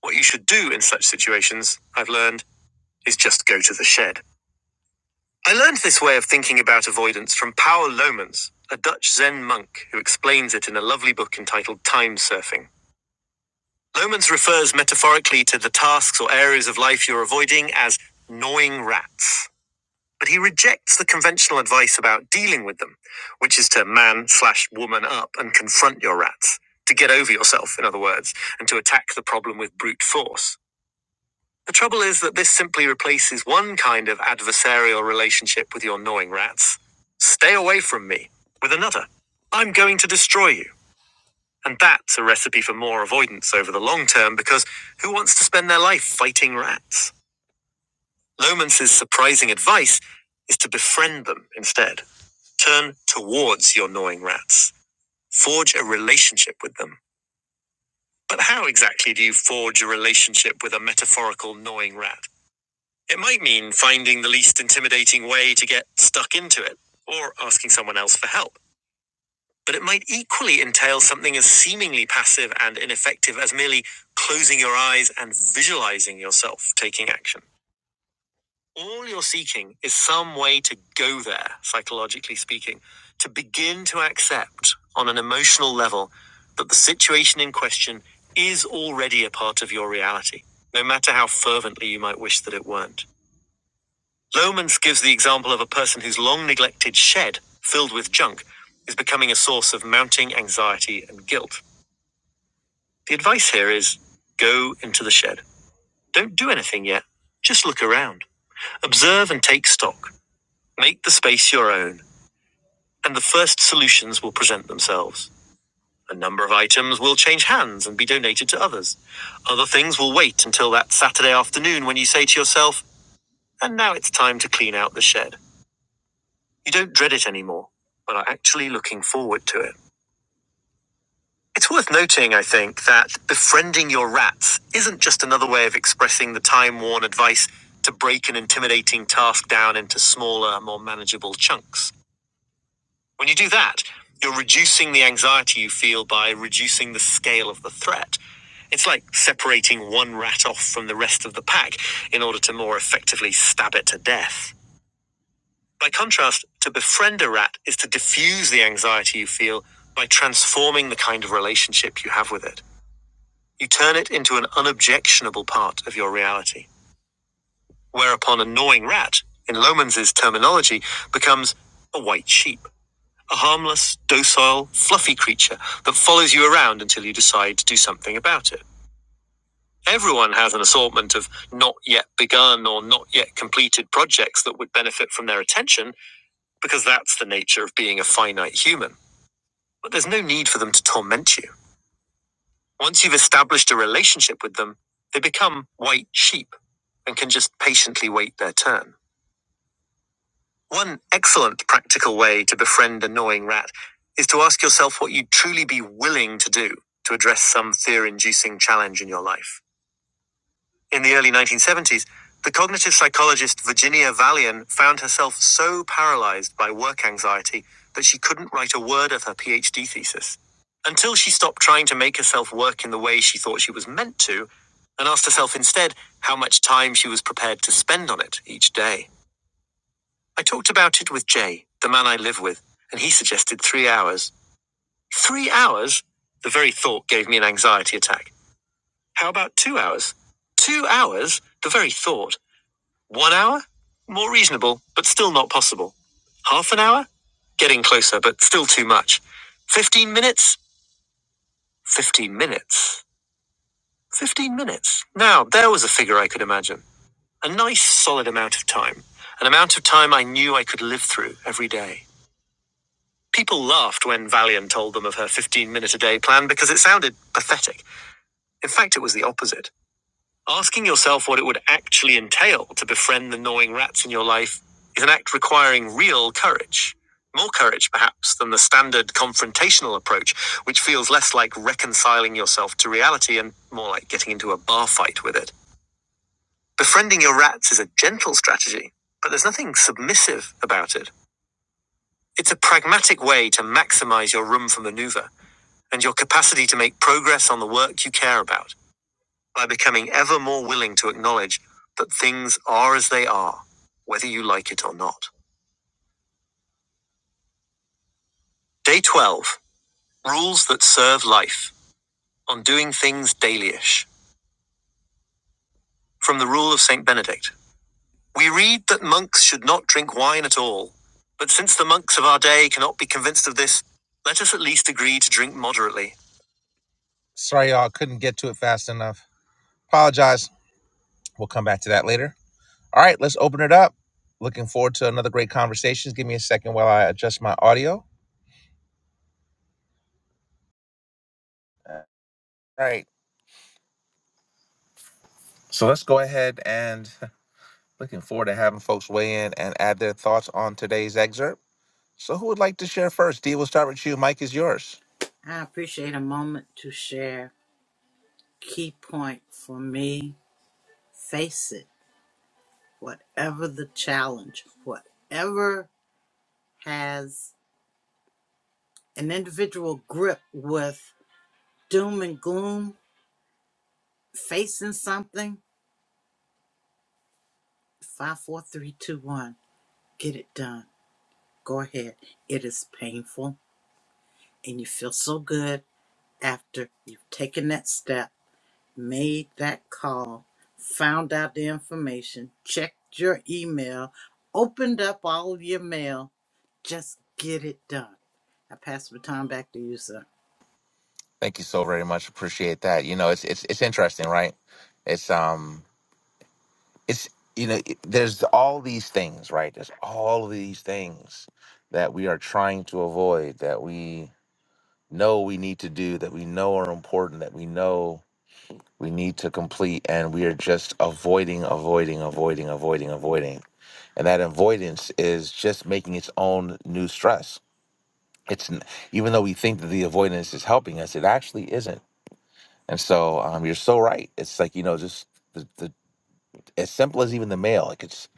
What you should do in such situations, I've learned, is just go to the shed. I learned this way of thinking about avoidance from Paul Lomans, a Dutch Zen monk who explains it in a lovely book entitled Time Surfing. Lomans refers metaphorically to the tasks or areas of life you're avoiding as gnawing rats. But he rejects the conventional advice about dealing with them, which is to man slash woman up and confront your rats, to get over yourself, in other words, and to attack the problem with brute force. The trouble is that this simply replaces one kind of adversarial relationship with your gnawing rats. Stay away from me with another. I'm going to destroy you. And that's a recipe for more avoidance over the long term because who wants to spend their life fighting rats? Lomans's surprising advice is to befriend them instead. Turn towards your gnawing rats. Forge a relationship with them. But how exactly do you forge a relationship with a metaphorical gnawing rat? It might mean finding the least intimidating way to get stuck into it, or asking someone else for help. But it might equally entail something as seemingly passive and ineffective as merely closing your eyes and visualizing yourself taking action. All you're seeking is some way to go there, psychologically speaking, to begin to accept on an emotional level that the situation in question is already a part of your reality, no matter how fervently you might wish that it weren't. Lomans gives the example of a person whose long neglected shed, filled with junk, is becoming a source of mounting anxiety and guilt. The advice here is go into the shed. Don't do anything yet. Just look around. Observe and take stock. Make the space your own, and the first solutions will present themselves. A number of items will change hands and be donated to others. Other things will wait until that Saturday afternoon when you say to yourself, and now it's time to clean out the shed. You don't dread it anymore, but are actually looking forward to it. It's worth noting, I think, that befriending your rats isn't just another way of expressing the time worn advice to break an intimidating task down into smaller, more manageable chunks. When you do that, you're reducing the anxiety you feel by reducing the scale of the threat. It's like separating one rat off from the rest of the pack in order to more effectively stab it to death. By contrast, to befriend a rat is to diffuse the anxiety you feel by transforming the kind of relationship you have with it. You turn it into an unobjectionable part of your reality. Whereupon a gnawing rat, in Lohmann's terminology, becomes a white sheep, a harmless, docile, fluffy creature that follows you around until you decide to do something about it. Everyone has an assortment of not yet begun or not yet completed projects that would benefit from their attention because that's the nature of being a finite human. But there's no need for them to torment you. Once you've established a relationship with them, they become white sheep and can just patiently wait their turn. One excellent practical way to befriend a gnawing rat is to ask yourself what you'd truly be willing to do to address some fear inducing challenge in your life. In the early 1970s, the cognitive psychologist Virginia Valian found herself so paralyzed by work anxiety that she couldn't write a word of her PhD thesis. Until she stopped trying to make herself work in the way she thought she was meant to, and asked herself instead how much time she was prepared to spend on it each day. I talked about it with Jay, the man I live with, and he suggested three hours. Three hours? The very thought gave me an anxiety attack. How about two hours? Two hours? The very thought. One hour? More reasonable, but still not possible. Half an hour? Getting closer, but still too much. Fifteen minutes? Fifteen minutes. Fifteen minutes. Now, there was a figure I could imagine. A nice, solid amount of time. An amount of time I knew I could live through every day. People laughed when Valian told them of her 15 minute a day plan because it sounded pathetic. In fact, it was the opposite. Asking yourself what it would actually entail to befriend the gnawing rats in your life is an act requiring real courage. More courage, perhaps, than the standard confrontational approach, which feels less like reconciling yourself to reality and more like getting into a bar fight with it. Befriending your rats is a gentle strategy, but there's nothing submissive about it. It's a pragmatic way to maximize your room for maneuver and your capacity to make progress on the work you care about. by becoming ever more willing to acknowledge that things are as they are, whether you like it or not. Day 12 Rules that Serve Life on Doing Things Dailyish. From the Rule of St. Benedict. We read that monks should not drink wine at all. But since the monks of our day cannot be convinced of this, let us at least agree to drink moderately. Sorry, y'all, couldn't get to it fast enough. Apologize. We'll come back to that later. All right, let's open it up. Looking forward to another great conversation. Give me a second while I adjust my audio. All right. So let's go ahead and looking forward to having folks weigh in and add their thoughts on today's excerpt. So who would like to share first? Dee, we'll start with you. Mike is yours.
I appreciate a moment to share key point for me face it, whatever the challenge, whatever has an individual grip with doom and gloom, facing something, five, four, three, two, one, get it done. Go ahead. It is painful, and you feel so good after you've taken that step, made that call, found out the information, checked your email, opened up all of your mail, Just get it done. I pass the baton back to you, sir.
Thank you so very much. Appreciate that. You know, it's it's it's interesting, right? It's um it's you know, it- there's all these things, right? There's all these things that we are trying to avoid that we know we need to do, that we know are important, that we know we need to complete and we are just avoiding avoiding avoiding avoiding avoiding and that avoidance is just making its own new stress it's n- even though we think that the avoidance is helping us it actually isn't and so um, you're so right it's like you know just the, the as simple as even the mail like it's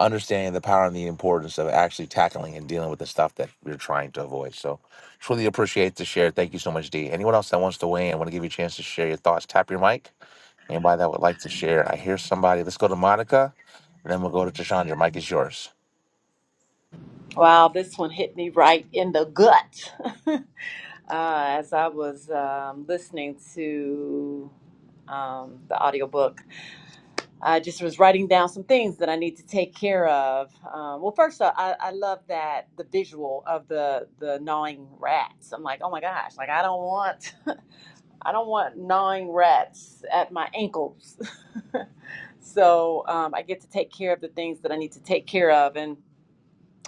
understanding the power and the importance of actually tackling and dealing with the stuff that we're trying to avoid so truly appreciate the share thank you so much d anyone else that wants to weigh in want to give you a chance to share your thoughts tap your mic Anybody that would like to share? I hear somebody. Let's go to Monica, and then we'll go to Tashandra. Mike is yours.
Wow, this one hit me right in the gut uh, as I was um, listening to um, the audiobook. I just was writing down some things that I need to take care of. Um, well, first, uh, I, I love that the visual of the the gnawing rats. I'm like, oh my gosh, like I don't want, I don't want gnawing rats at my ankles. so um, I get to take care of the things that I need to take care of, and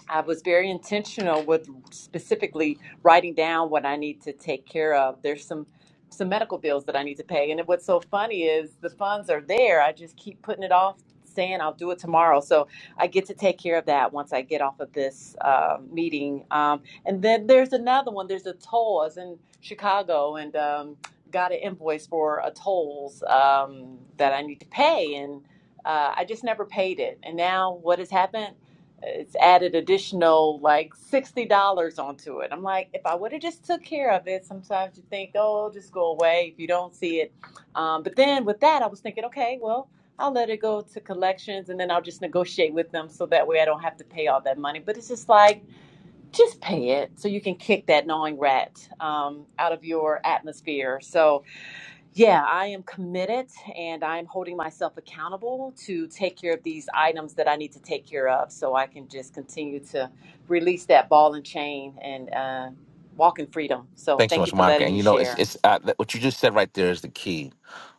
I was very intentional with specifically writing down what I need to take care of. There's some some medical bills that I need to pay, and what's so funny is the funds are there. I just keep putting it off, saying I'll do it tomorrow. So I get to take care of that once I get off of this uh, meeting. Um, and then there's another one. There's a toll. I was in Chicago and um, got an invoice for a tolls um, that I need to pay, and uh, I just never paid it. And now what has happened? it's added additional like sixty dollars onto it. I'm like, if I would have just took care of it, sometimes you think, oh, just go away if you don't see it. Um, but then with that, I was thinking, okay, well, I'll let it go to collections, and then I'll just negotiate with them so that way I don't have to pay all that money. But it's just like, just pay it so you can kick that gnawing rat um, out of your atmosphere. So yeah, I am committed and I'm holding myself accountable to take care of these items that I need to take care of so I can just continue to release that ball and chain and uh, walk in freedom. So
Thanks so
thank
much,
you for
Monica.
letting
And
me
you know, it's
share.
it's uh, that- what you just said right there is the key.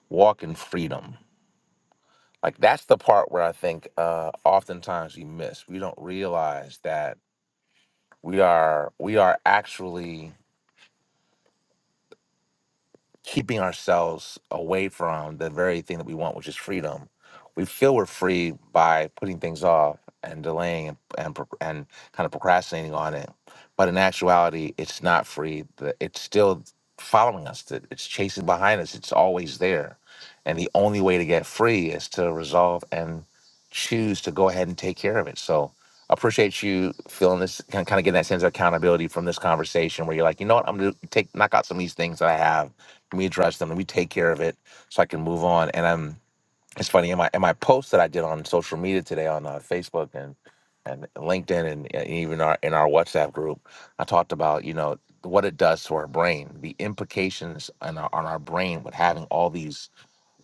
Walk in freedom. Like that's the part where I think uh, oftentimes we miss. We don't realize that we are we are actually keeping ourselves away from the very thing that we want, which is freedom. We feel we're free by putting things off and delaying and and, pro- and kind of procrastinating on it. But in actuality, it's not free. The- It's still following us. that It's chasing behind us. It's always there. And the only way to get free is to resolve and choose to go ahead and take care of it. So appreciate you feeling this kind of, kind of getting that sense of accountability from this conversation where you're like, you know what, I'm going to take knock out some of these things that I have we address them and we take care of it so I can move on. And I'm it's funny in my in my post that I did on social media today on uh, Facebook and and LinkedIn and, and even our in our WhatsApp group, I talked about you know what it does to our brain, the implications on our, on our brain with having all these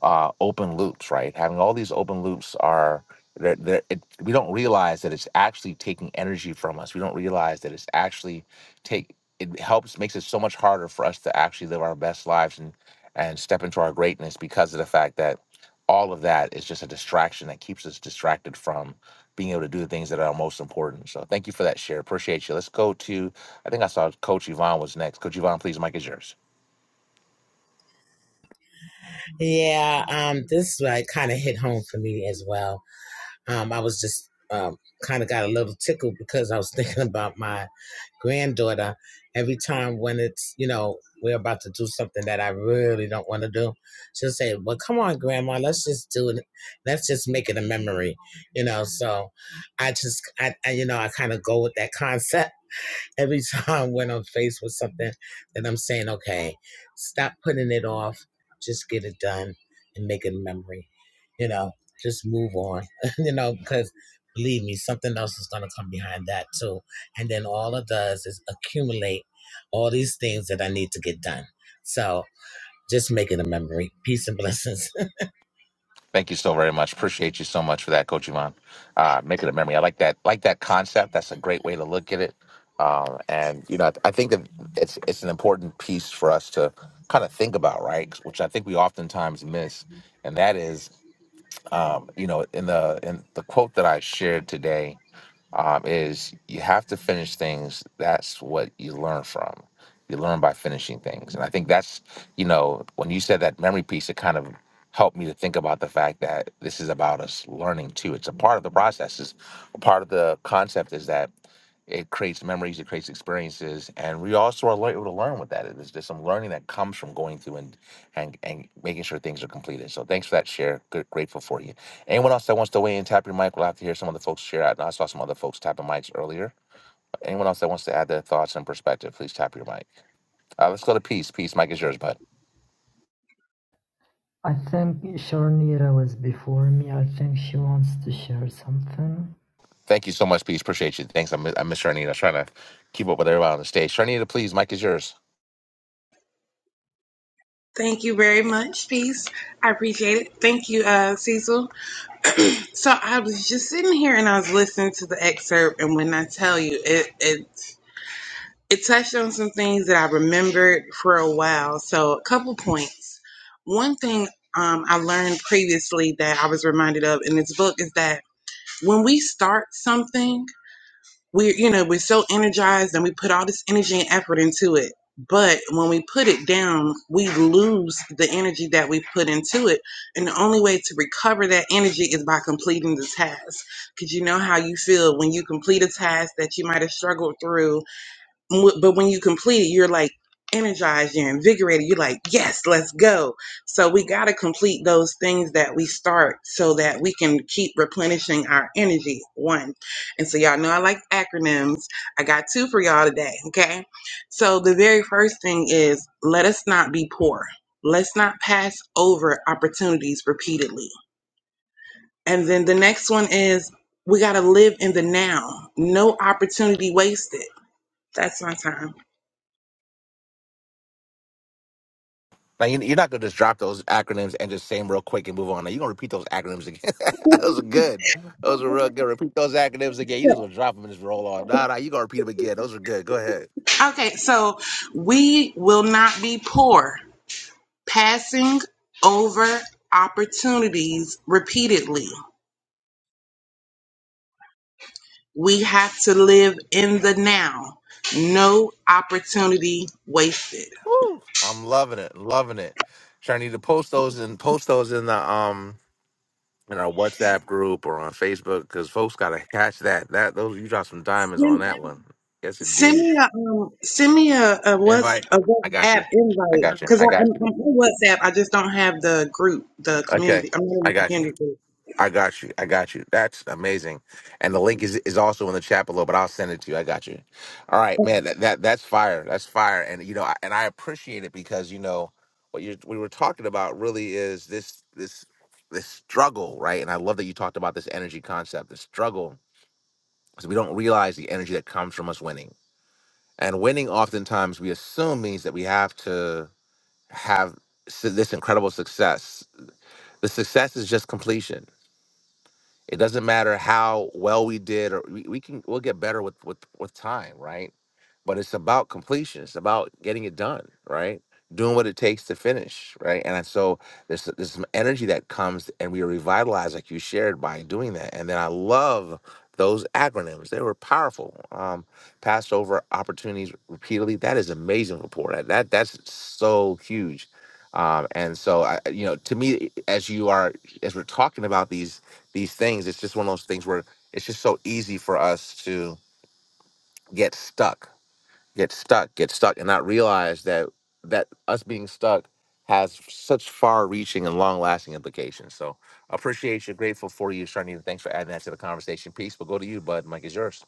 uh, open loops, right? Having all these open loops are they're, they're, it, we don't realize that it's actually taking energy from us. We don't realize that it's actually take it helps makes it so much harder for us to actually live our best lives and and step into our greatness because of the fact that all of that is just a distraction that keeps us distracted from being able to do the things that are most important. So thank you for that share. Appreciate you. Let's go to I think I saw Coach Yvonne was next. Coach Yvonne, please, Mike is yours.
Yeah, um, this like kind of hit home for me as well. Um, I was just um, kind of got a little tickled because I was thinking about my granddaughter every time when it's you know we're about to do something that i really don't want to do she'll say well come on grandma let's just do it let's just make it a memory you know so i just i, I you know i kind of go with that concept every time when I'm faced with something that I'm saying, okay, stop putting it off, just get it done and make it a memory, you know, just move on, you know, because believe me, something else is going to come behind that too. And then all it does is accumulate all these things that I need to get done. So just make it a memory. Peace and blessings.
Thank you so very much. Appreciate you so much for that, Coach Iman. Uh, make it a memory. I like that. Like that concept. That's a great way to look at it. Um, and you know, I, I think that it's it's an important piece for us to kind of think about, right? Which I think we oftentimes miss. And that is, um, you know, in the in the quote that I shared today um, is you have to finish things. That's what you learn from. You learn by finishing things. And I think that's, you know, when you said that memory piece, it kind of helped me to think about the fact that this is about us learning too. It's a part of the process. It's a part of the concept is that it creates memories, it creates experiences, and we also are able to learn with that. There's, there's some learning that comes from going through and, and and making sure things are completed. So thanks for that share. Good, grateful for you. Anyone else that wants to weigh in, tap your mic. We'll have to hear some other folks share. I, I saw some other folks tapping mics earlier. Anyone else that wants to add their thoughts and perspective, please tap your mic. Uh, let's go to Peace. Peace, mic is yours, bud.
I think Sharnira was before me. I think she wants to share something.
Thank you so much, Peace. Appreciate you. Thanks. I miss, I miss Sharnita. I was trying to keep up with everybody on the stage. Sharnita, please, mic is yours.
Thank you very much, Peace. I appreciate it. Thank you, uh, Cecil. So I was just sitting here and I was listening to the excerpt, and when I tell you, it it it touched on some things that I remembered for a while. So a couple points. One thing um, I learned previously that I was reminded of in this book is that when we start something we're you know we're so energized and we put all this energy and effort into it but when we put it down we lose the energy that we put into it and the only way to recover that energy is by completing the task because you know how you feel when you complete a task that you might have struggled through Wh- but when you complete it, you're like energized, you're invigorated, you're like, yes, let's go. So we got to complete those things that we start so that we can keep replenishing our energy. One. And so, y'all know I like acronyms. I got two for y'all today. Okay. So, the very first thing is let us not be poor, let's not pass over opportunities repeatedly. And then the next one is we got to live in the now, no opportunity wasted. That's my time.
Now, you, you're not going to just drop those acronyms and just say them real quick and move on. Now, you're going to repeat those acronyms again. those are good. Those are real good. Repeat those acronyms again. You just going to drop them and just roll on. Nah, nah, you're going to repeat them again. Those are good. Go ahead.
Okay, so we will not be poor, passing over opportunities repeatedly. We have to live in the now. No opportunity wasted.
Woo. I'm loving it, loving it. Sure, I need to post those and post those in the um in our WhatsApp group or on Facebook because folks gotta catch that. That those you drop some diamonds on that one. Yes,
Send, send
indeed.
me a um, send me a, a what's
Invite.
a
I got
WhatsApp
you. I
invite
got you.
because
I
I'm,
got
I'm
you.
on WhatsApp. I just don't have the group, the
Okay,
community. I'm not
I
in the
got you.
community group.
I got you. I got you. That's amazing. And the link is, is also in the chat below, but I'll send it to you. I got you. All right, man. That, that that's fire. That's fire. And you know, I, and I appreciate it because you know what you we were talking about really is this this this struggle, right? And I love that you talked about this energy concept, the struggle, because we don't realize the energy that comes from us winning. And winning, oftentimes, we assume means that we have to have s- this incredible success. The success is just completion It doesn't matter how well we did, or we, we can we'll get better with with with time, right? But it's about completion. It's about getting it done, right? Doing what it takes to finish, right? And so there's there's some energy that comes, and we are revitalized, like you shared, by doing that. And then I love those acronyms; they were powerful. Um, passed over opportunities repeatedly. That is amazing report. That, that that's so huge. Um, and so I, you know, to me, as you are, as we're talking about these these things. It's just one of those things where it's just so easy for us to get stuck, get stuck, get stuck, and not realize that that us being stuck has such far-reaching and long-lasting implications. So appreciate you, grateful for you, Sharnita. Thanks for adding that to the conversation piece. We'll go to you, bud. Mike is yours.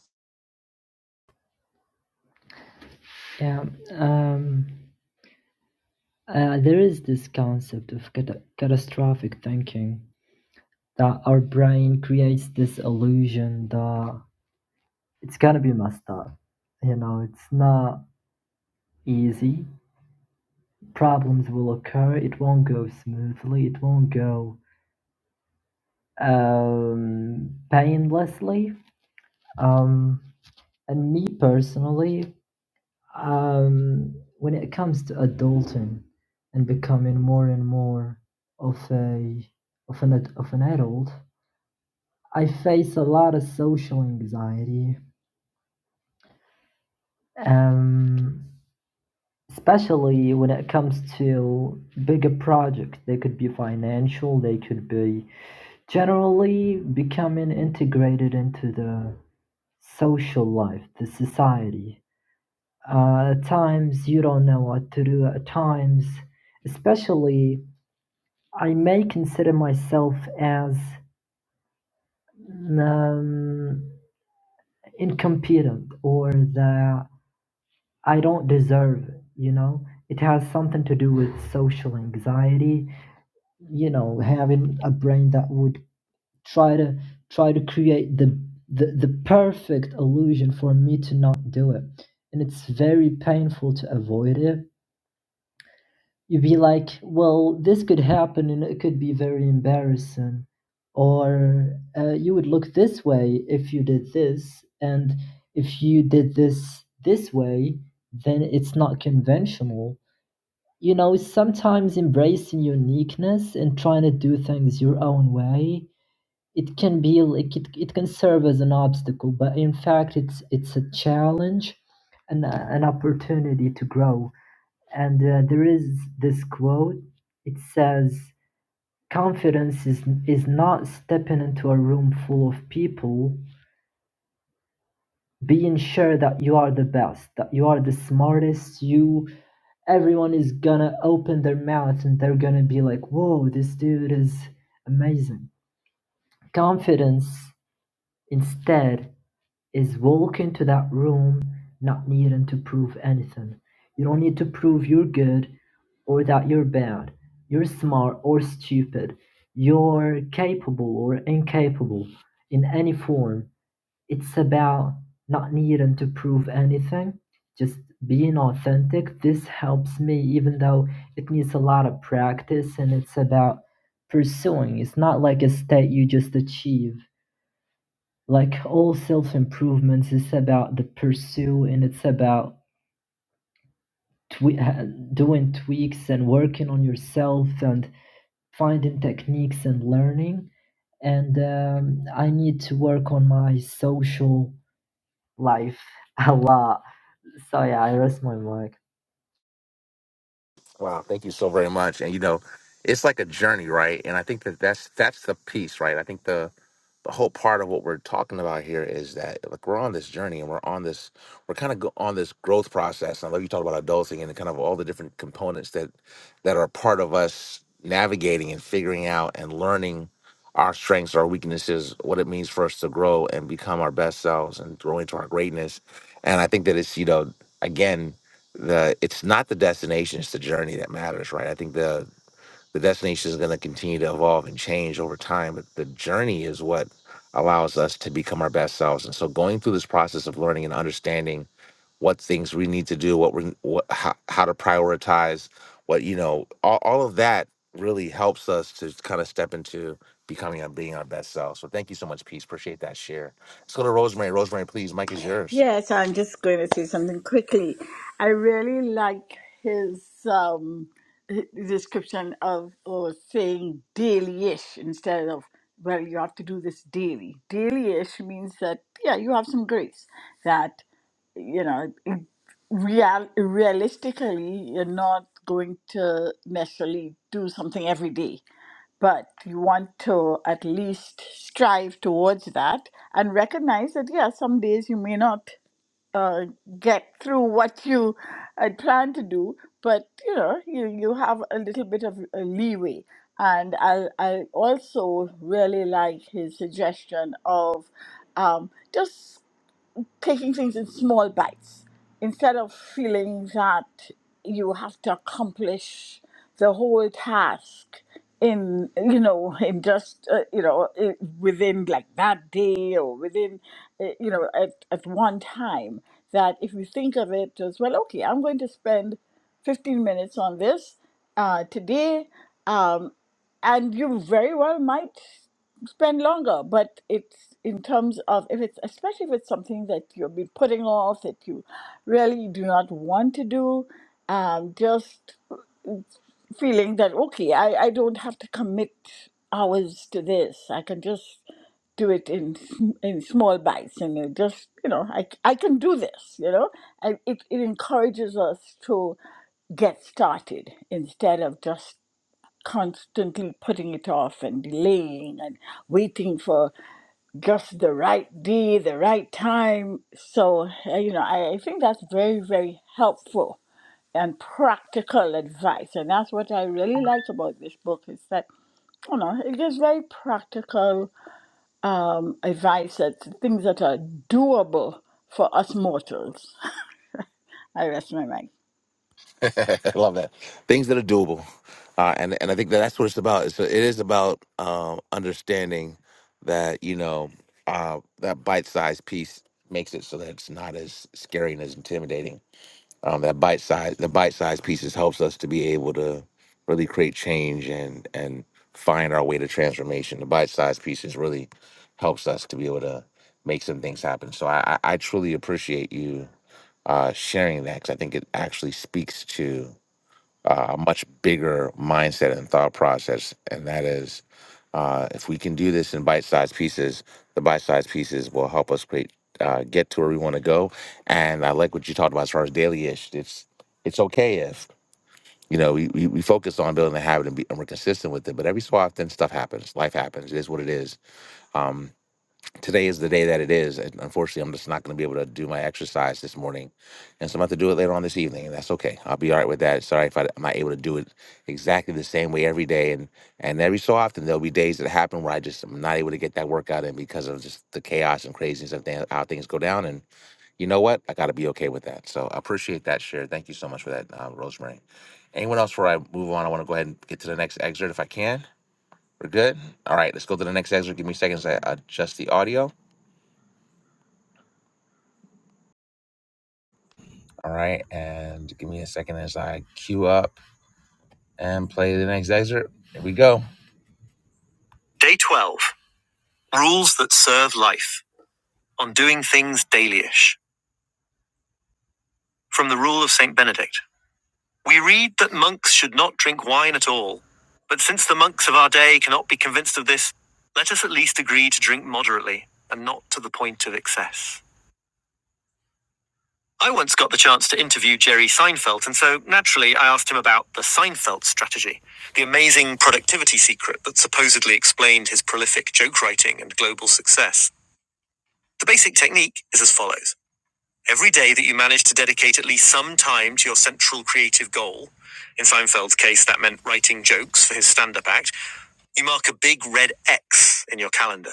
Yeah. Um. Uh, there is this concept of cata- catastrophic thinking that our brain creates this illusion that it's gonna be messed up. You know, it's not. easy. Problems will occur. It won't go smoothly. It won't go um, painlessly. Um, and me personally, um, when it comes to adulting and becoming more and more of a of an of an adult, I face a lot of social anxiety, um, especially when it comes to bigger projects. They could be financial. They could be Generally becoming integrated into the social life, the society. Uh, at times you don't know what to do. At times, especially, I may consider myself as um, incompetent or that I don't deserve it. You know, it has something to do with social anxiety. You know, having a brain that would try to try to create the the, the perfect illusion for me to not do it and it's very painful to avoid it you'd be like well this could happen and it could be very embarrassing or uh, you would look this way if you did this and if you did this this way then it's not conventional you know sometimes embracing uniqueness and trying to do things your own way it can be like it, it can serve as an obstacle but in fact it's it's a challenge and a- an opportunity to grow and uh, there is this quote it says confidence is is not stepping into a room full of people being sure that you are the best that you are the smartest you everyone is gonna open their mouth and they're gonna be like, 'Whoa, this dude is amazing confidence instead is walk into that room not needing to prove anything. You don't need to prove you're good or that you're bad. You're smart or stupid. You're capable or incapable in any form. It's about not needing to prove anything, just being authentic. This helps me, even though it needs a lot of practice and it's about pursuing. It's not like a state you just achieve like all self improvements is about the pursue and it's about twe- uh, doing tweaks and working on yourself and finding techniques and learning and um, i need to work on my social life a lot so yeah i rest my mic
Wow, thank you so very much. And you know, it's like a journey, right? And I think that that's that's the piece, right? I think the the whole part of what we're talking about here is that like we're on this journey and we're on this we're kind of go- on this growth process. I love you talk about adulting and kind of all the different components that that are part of us navigating and figuring out and learning our strengths, our weaknesses, what it means for us to grow and become our best selves and grow into our greatness. And I think that it's you know again the it's not the destination, it's the journey that matters, right? I think the the destination is going to continue to evolve and change over time but the journey is what allows us to become our best selves and so going through this process of learning and understanding what things we need to do what we what, how, how to prioritize what you know all, all of that really helps us to kind of step into becoming and being our best self so thank you so much peace appreciate that share let's go to rosemary rosemary please mike is yours
Yes, I'm just going to say something quickly. I really like his um, h- description of or saying daily-ish instead of well, you have to do this daily. Daily-ish means that yeah, you have some grace that you know. real realistically you're not going to necessarily do something every day but you want to at least strive towards that and recognize that yeah some days you may not uh, get through what you had planned to do but you know you, you have a little bit of a leeway and I, I also really like his suggestion of um, just taking things in small bites instead of feeling that you have to accomplish the whole task in you know in just uh, you know i- within like that day or within uh, you know at, at one time that if you think of it as well okay i'm going to spend 15 minutes on this uh, today um, and you very well might spend longer but it's in terms of if it's especially if it's something that you've been putting off that you really do not want to do um, just feeling that okay I, I don't have to commit hours to this i can just do it in sm- in small bites and it just you know I I can do this you know and it, it encourages us to get started instead of just constantly putting it off and delaying and waiting for just the right day, the right time. So, uh, you know, I, I think that's very, very helpful and practical advice. And that's what I really like about this book is that, you know, it gives very practical um, advice, that things that are doable for us mortals. I rest my mind.
I love that. Things that are doable, uh, and and I think that that's what it's about. It's, it is about um, understanding that you know uh, that bite-sized piece makes it so that it's not as scary and as intimidating um, that bite size the bite size pieces helps us to be able to really create change and and find our way to transformation the bite size pieces really helps us to be able to make some things happen so i i I truly appreciate you uh sharing that because i think it actually speaks to uh, much bigger mindset and thought process, and that is uh, if we can do this in bite-sized pieces, the bite-sized pieces will help us create, uh, get to where we want to go. And I like what you talked about as far as daily-ish. It's it's okay if you know we, we, we focus on building a habit and, be, and we're consistent with it, but every so often stuff happens, life happens. It is what it is. Um, today is the day that it is. And unfortunately, I'm just not going to be able to do my exercise this morning. And so I'm going to have to do it later on this evening. And that's okay. I'll be all right with that. Sorry if I, I'm not able to do it exactly the same way every day. And, and every so often, there'll be days that happen where I just am not able to get that workout in because of just the chaos and craziness of th- how things go down. And you know what? I got to be okay with that. So I appreciate that share. Thank you so much for that, uh, Rosemary. Anyone else before I move on? I want to go ahead and get to the next excerpt if I can. We're good. All right, let's go to the next excerpt. Give me seconds. I adjust the audio. All right. And give me a second as I queue up and play the next excerpt. Here we go. Day 12 Rules that Serve Life on Doing Things Dailyish. From the Rule of St. Benedict. We read that monks should not drink wine at all. But since the monks of our day cannot be convinced of this, let us at least agree to drink moderately and not to the point of excess. I once got the chance to interview Jerry Seinfeld, and so naturally I asked him about the Seinfeld strategy, the amazing productivity secret that supposedly explained his prolific joke writing and global success. The basic technique is as follows Every day that you manage to dedicate at least some time to your central creative goal, in Seinfeld's case, that meant writing jokes for his stand up act, you mark a big red X in your calendar.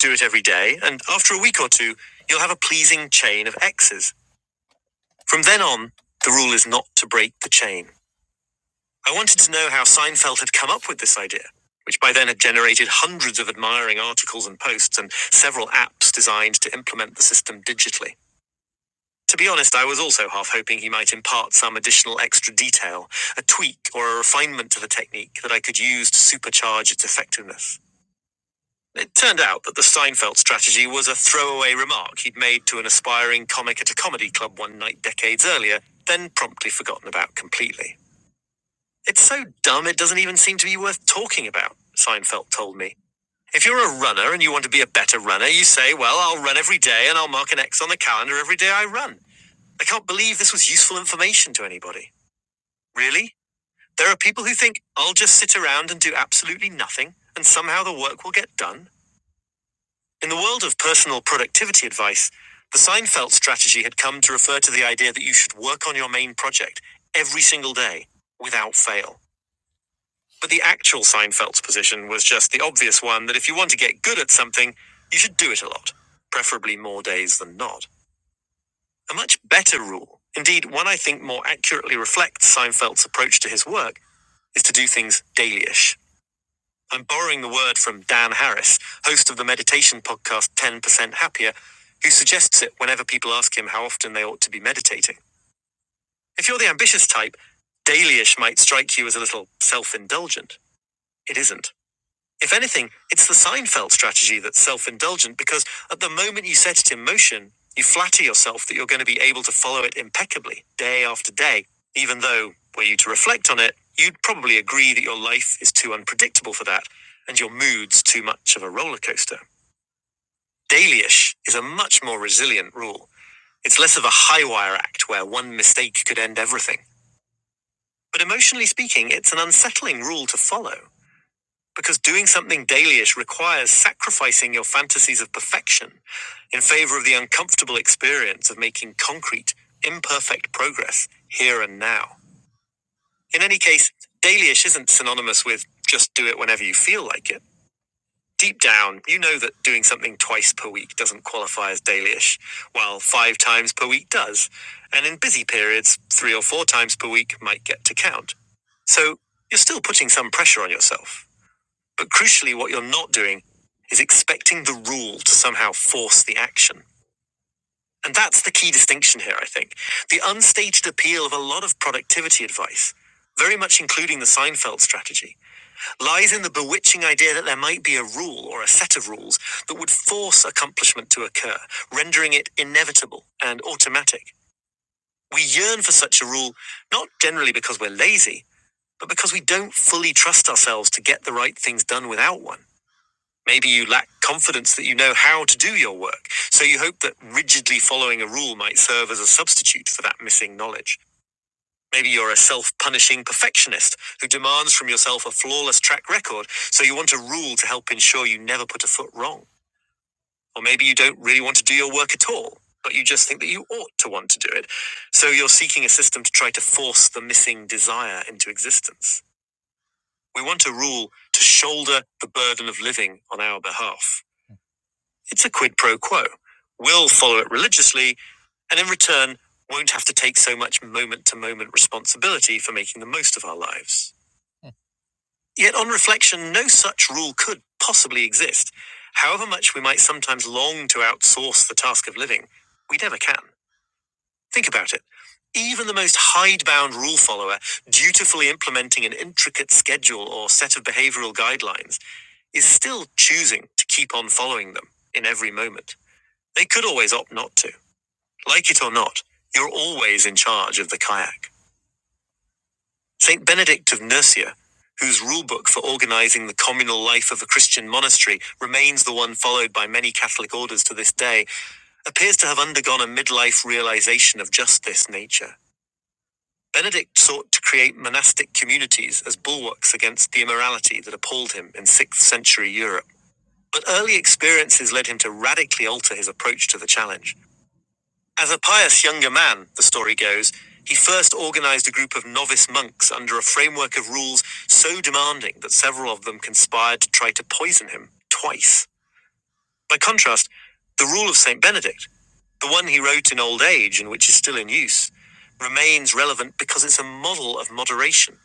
Do it every day, and after a week or two, you'll have a pleasing chain of X's From then on, the rule is not to break the chain. I wanted to know how Seinfeld had come up with this idea, which by then had generated hundreds of admiring articles and posts and several apps designed to implement the system digitally. To be honest, I was also half hoping he might impart some additional extra detail, a tweak or a refinement to the technique that I could use to supercharge its effectiveness. It turned out that the Seinfeld strategy was a throwaway remark he'd made to an aspiring comic at a comedy club one night decades earlier, then promptly forgotten about completely. It's so dumb it doesn't even seem to be worth talking about, Seinfeld told me. If you're a runner and you want to be a better runner, you say, Well, I'll run every day and I'll mark an X on the calendar every day I run. I can't believe this was useful information to anybody. Really? There are people who think, I'll just sit around and do absolutely nothing, and somehow the work will get done? In the world of personal productivity advice, the Seinfeld strategy had come to refer to the idea that you should work on your main project every single day without fail. But the actual Seinfeld's position was just the obvious one that if you want to get good at something, you should do it a lot, preferably more days than not. A much better rule, indeed, one I think more accurately reflects Seinfeld's approach to his work, is to do things dailyish. I'm borrowing the word from Dan Harris, host of the meditation podcast 10% Happier, who suggests it whenever people ask him how often they ought to be meditating. If you're the ambitious type, dailyish might strike you as a little self indulgent. It isn't. If anything, it's the Seinfeld strategy that's self indulgent because at the moment you set it in motion, you flatter yourself that you're going to be able to follow it impeccably, day after day, even though, were you to reflect on it, you'd probably agree that your life is too unpredictable for that and your mood's too much of a roller coaster. Dailyish is a much more resilient rule. It's less of a high wire act where one mistake could end everything. But emotionally speaking, it's an unsettling rule to follow. Because doing something dailyish requires sacrificing your fantasies of perfection in favor of the uncomfortable experience of making concrete, imperfect progress here and now. In any case, dailyish isn't synonymous with just do it whenever you feel like it. Deep down, you know that doing something twice per week doesn't qualify as dailyish, while five times per week does. And in busy periods, three or four times per week might get to count. So you're still putting some pressure on yourself. But crucially, what you're not doing is expecting the rule to somehow force the action. And that's the key distinction here, I think. The unstated appeal of a lot of productivity advice, very much including the Seinfeld strategy, lies in the bewitching idea that there might be a rule or a set of rules that would force accomplishment to occur, rendering it inevitable and automatic. We yearn for such a rule, not generally because we're lazy, but because we don't fully trust ourselves to get the right things done without one. Maybe you lack confidence that you know how to do your work, so you hope that rigidly following a rule might serve as a substitute for that missing knowledge. Maybe you're a self punishing perfectionist who demands from yourself a flawless track record, so you want a rule to help ensure you never put a foot wrong. Or maybe you don't really want to do your work at all, but you just think that you ought to want to do it, so you're seeking a system to try to force the missing desire into existence. We want a rule to shoulder the burden of living on our behalf. It's a quid pro quo. We'll follow it religiously, and in return, won't have to take so much moment to moment responsibility for making the most of our lives. Yet, on reflection, no such rule could possibly exist. However much we might sometimes long to outsource the task of living, we never can. Think about it. Even the most hidebound rule follower, dutifully implementing an intricate schedule or set of behavioral guidelines, is still choosing to keep on following them in every moment. They could always opt not to. Like it or not, you're always in charge of the kayak. Saint Benedict of Nursia, whose rulebook for organizing the communal life of a Christian monastery remains the one followed by many Catholic orders to this day, appears to have undergone a midlife realization of just this nature. Benedict sought to create monastic communities as bulwarks against the immorality that appalled him in 6th century Europe. But early experiences led him to radically alter his approach to the challenge. As a pious younger man, the story goes, he first organized a group of novice monks under a framework of rules so demanding that several of them conspired to try to poison him twice. By contrast, the rule of St. Benedict, the one he wrote in old age and which is still in use, remains relevant because it's a model of moderation,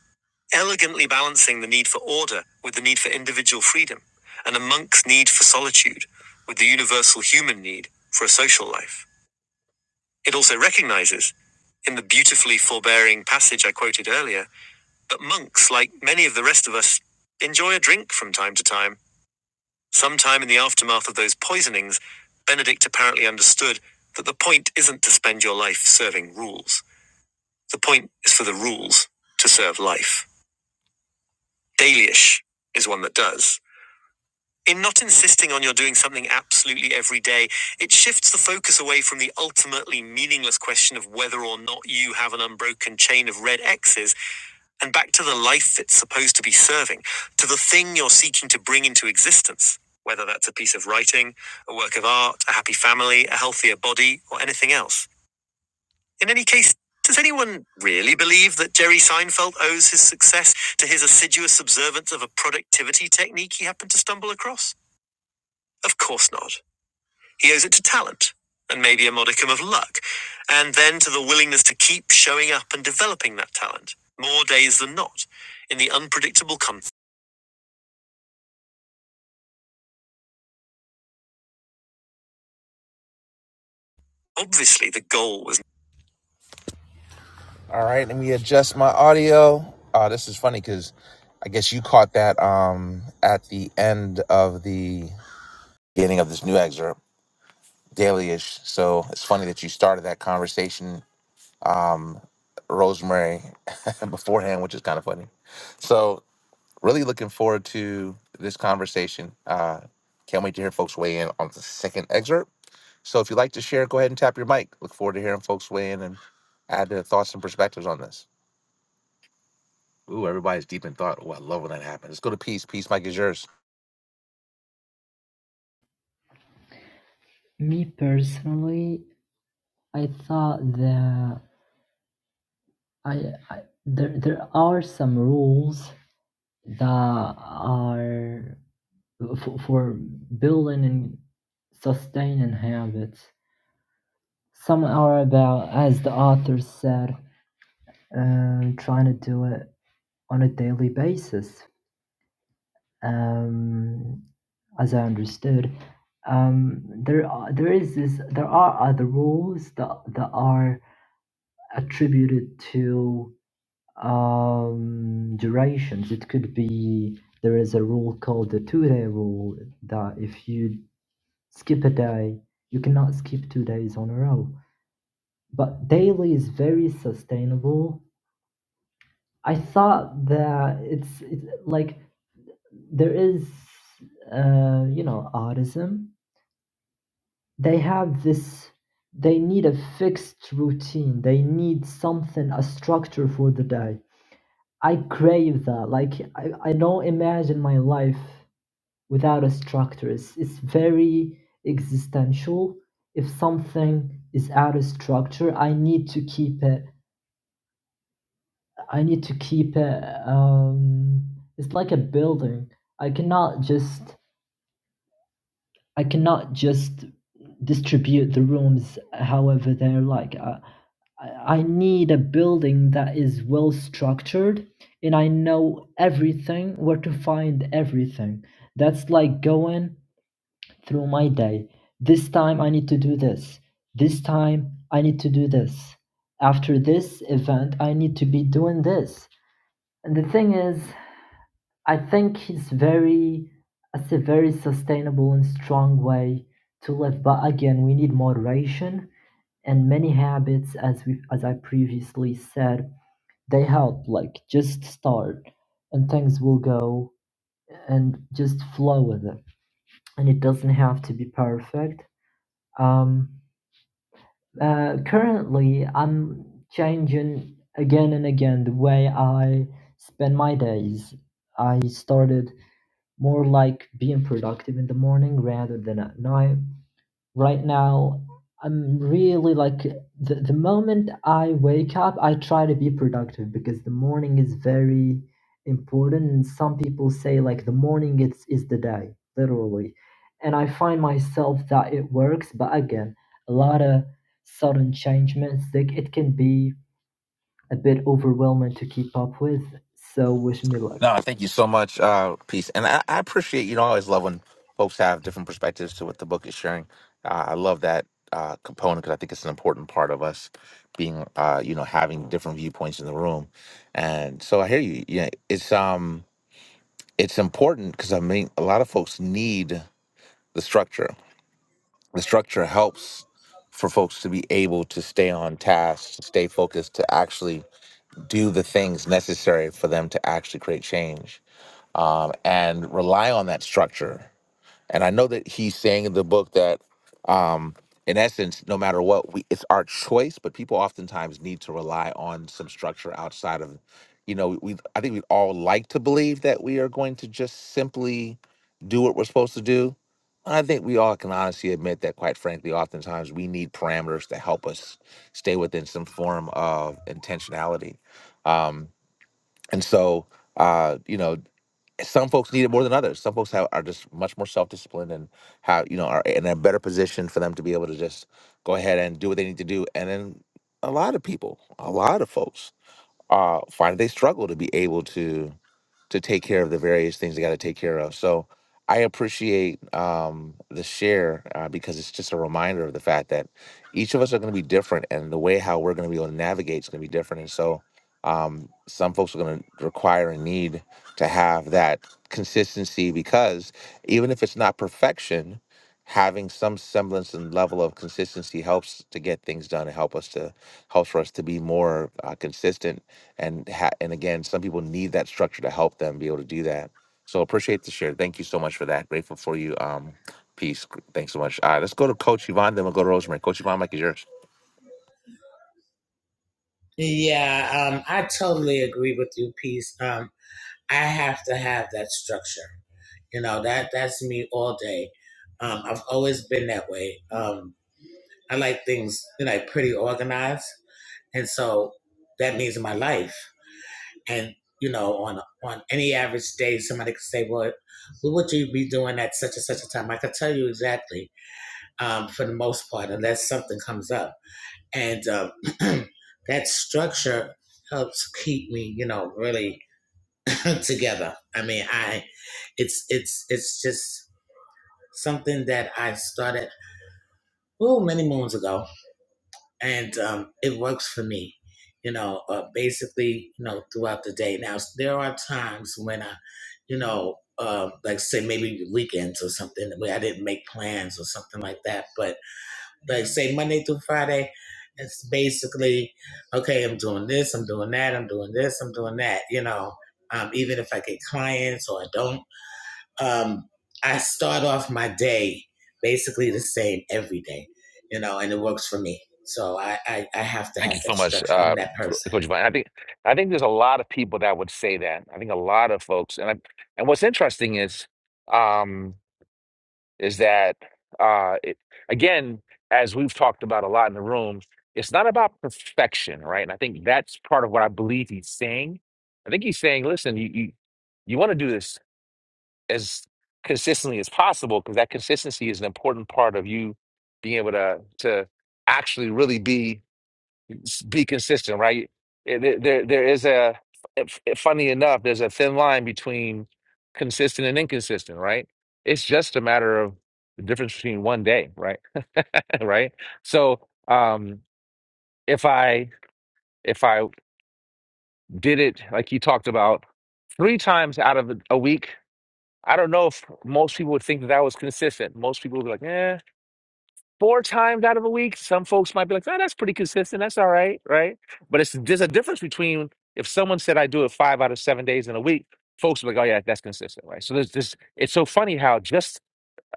elegantly balancing the need for order with the need for individual freedom, and a monk's need for solitude with the universal human need for a social life. It also recognizes, in the beautifully forbearing passage I quoted earlier, that monks, like many of the rest of us, enjoy a drink from time to time. Sometime in the aftermath of those poisonings, Benedict apparently understood that the point isn't to spend your life serving rules. The point is for the rules to serve life. Dalyish is one that does. In not insisting on your doing something absolutely every day, it shifts the focus away from the ultimately meaningless question of whether or not you have an unbroken chain of red X's and back to the life it's supposed to be serving, to the thing you're seeking to bring into existence, whether that's a piece of writing, a work of art, a happy family, a healthier body, or anything else. In any case, does anyone really believe that Jerry Seinfeld owes his success to his assiduous observance of a productivity technique he happened to stumble across? Of course not. He owes it to talent, and maybe a modicum of luck, and then to the willingness to keep showing up and developing that talent, more days than not, in the unpredictable con. Obviously, the goal was. All right, let me adjust my audio. Uh, this is funny because I guess you caught that um, at the end of the beginning of this new excerpt, daily ish. So it's funny that you started that conversation, um, Rosemary, beforehand, which is kind of funny. So Really looking forward to this conversation. Uh, can't wait to hear folks weigh in on the second excerpt. So if you'd like to share, go ahead and tap your mic. Look forward to hearing folks weigh in and add their thoughts and perspectives on this. Ooh, everybody's deep in thought. Oh, I love when that happens. Let's go to peace. Peace, Mike is yours.
me personally i thought that i, I there, there are some rules that are for, for building and sustaining habits. Some are about, as the author said, um, trying to do it on a daily basis. Um, as I understood, um, there are, there is this there are other rules that that are attributed to um, durations. It could be there is a rule called the two day rule that if you Skip a day. You cannot skip two days on a row. But daily is very sustainable. I thought that it's, it's like there is, uh, you know, autism. They have this, they need a fixed routine. They need something, a structure for the day. I crave that. Like, I, I don't imagine my life without a structures. It's it's very existential. If something is out of structure, I need to keep it. I need to keep it. Um, it's like a building. I cannot just. I cannot just distribute the rooms however they're like. I, I I need a building that is well structured, and I know everything where to find everything. That's like going through my day. This time I need to do this. This time I need to do this. After this event, I need to be doing this. And the thing is, I think he's very, it's a very sustainable and strong way to live. But again, we need moderation and many habits, as we, as I previously said, they help. Like just start, and things will go and just flow with it. And it doesn't have to be perfect. Um, Uh, currently, I'm changing again and again the way I spend my days. I started more like being productive in the morning rather than at night. Right now, I'm really like the, the moment I wake up, I try to be productive because the morning is very important. And some people say like the morning is, is the day, literally. And I find myself that it works, but again, a lot of sudden changements, like it can be a bit overwhelming to keep up with. So wish me luck.
No, thank you so much, uh, peace, and I, I appreciate. You know, I always love when folks have different perspectives to what the book is sharing. Uh, I love that uh, component because I think it's an important part of us being, uh, you know, having different viewpoints in the room. And so I hear you. Yeah, it's um, it's important because I mean, a lot of folks need the structure. The structure helps for folks to be able to stay on task, to stay focused, to actually do the things necessary for them to actually create change um, and rely on that structure. And I know that he's saying in the book that, um, in essence, no matter what, we it's our choice. But people oftentimes need to rely on some structure outside of, you know, we. I think we all like to believe that we are going to just simply do what we're supposed to do. I think we all can honestly admit that, quite frankly, oftentimes we need parameters to help us stay within some form of intentionality. Um, and so, uh, you know, some folks need it more than others. Some folks have, are just much more self disciplined and how you know are in a better position for them to be able to just go ahead and do what they need to do. And then a lot of people, a lot of folks, uh, find they struggle to be able to to take care of the various things they got to take care of. So I appreciate um, the share uh, because it's just a reminder of the fact that each of us are going to be different, and the way how we're going to be able to navigate is going to be different. And so um, some folks are going to require and need to have that consistency because even if it's not perfection. Having some semblance and level of consistency helps to get things done. and help us to helps for us to be more uh, consistent and ha- and again, some people need that structure to help them be able to do that. So appreciate the share. Thank you so much for that. Grateful for you. Um, peace. Thanks so much. All right, let's go to Coach Yvonne. Then we'll go to Rosemary. Coach Yvonne, Mike is yours.
yeah, um, I totally agree with you, Peace. Um, I have to have that structure You know, that that's me all day. Um, I've always been that way. Um, I like things, you know, pretty organized. And so that means my life. And, you know, on on any average day, somebody could say, Well, what would you be doing at such and such a time? I could tell you exactly, um, for the most part, unless something comes up. And um, that structure helps keep me, you know, really together. I mean, I it's it's it's just something that I started oh many moons ago, and um, it works for me. You know, uh, basically, you know, throughout the day. Now there are times when I, you know, uh, like say maybe weekends or something where I didn't make plans or something like that. But like say Monday through Friday, it's basically okay. I'm doing this. I'm doing that. I'm doing this. I'm doing that. You know, um, even if I get clients or I don't um, I start off my day basically the same every day, you know, and it works for me. So I, I, I have to
Thank
have
you
that
so much,
structure. I'm
uh,
that
Co-
person.
Coach Vine. I think I think there's a lot of people that would say that. I think a lot of folks, and I, and what's interesting is, um, is that uh it, again as we've talked about a lot in the room it's not about perfection right and i think that's part of what i believe he's saying i think he's saying listen you you, you want to do this as consistently as possible because that consistency is an important part of you being able to to actually really be s- be consistent, right? Eh, There, there there is a, f- f- eh, funny enough, there's a thin line between consistent and inconsistent, right? It's just a matter of the difference between one day, right? Right? So, um, if I if I did it like you talked about three times out of a a week, I don't know if most people would think that that was consistent. Most people would be like, "Eh." four times out of a week. Some folks might be like, oh, that's pretty consistent. That's all right, right? But it's there's a difference between if someone said I do it five out of seven days in a week, folks are like, oh yeah, that's consistent, right? So there's this. It's so funny how just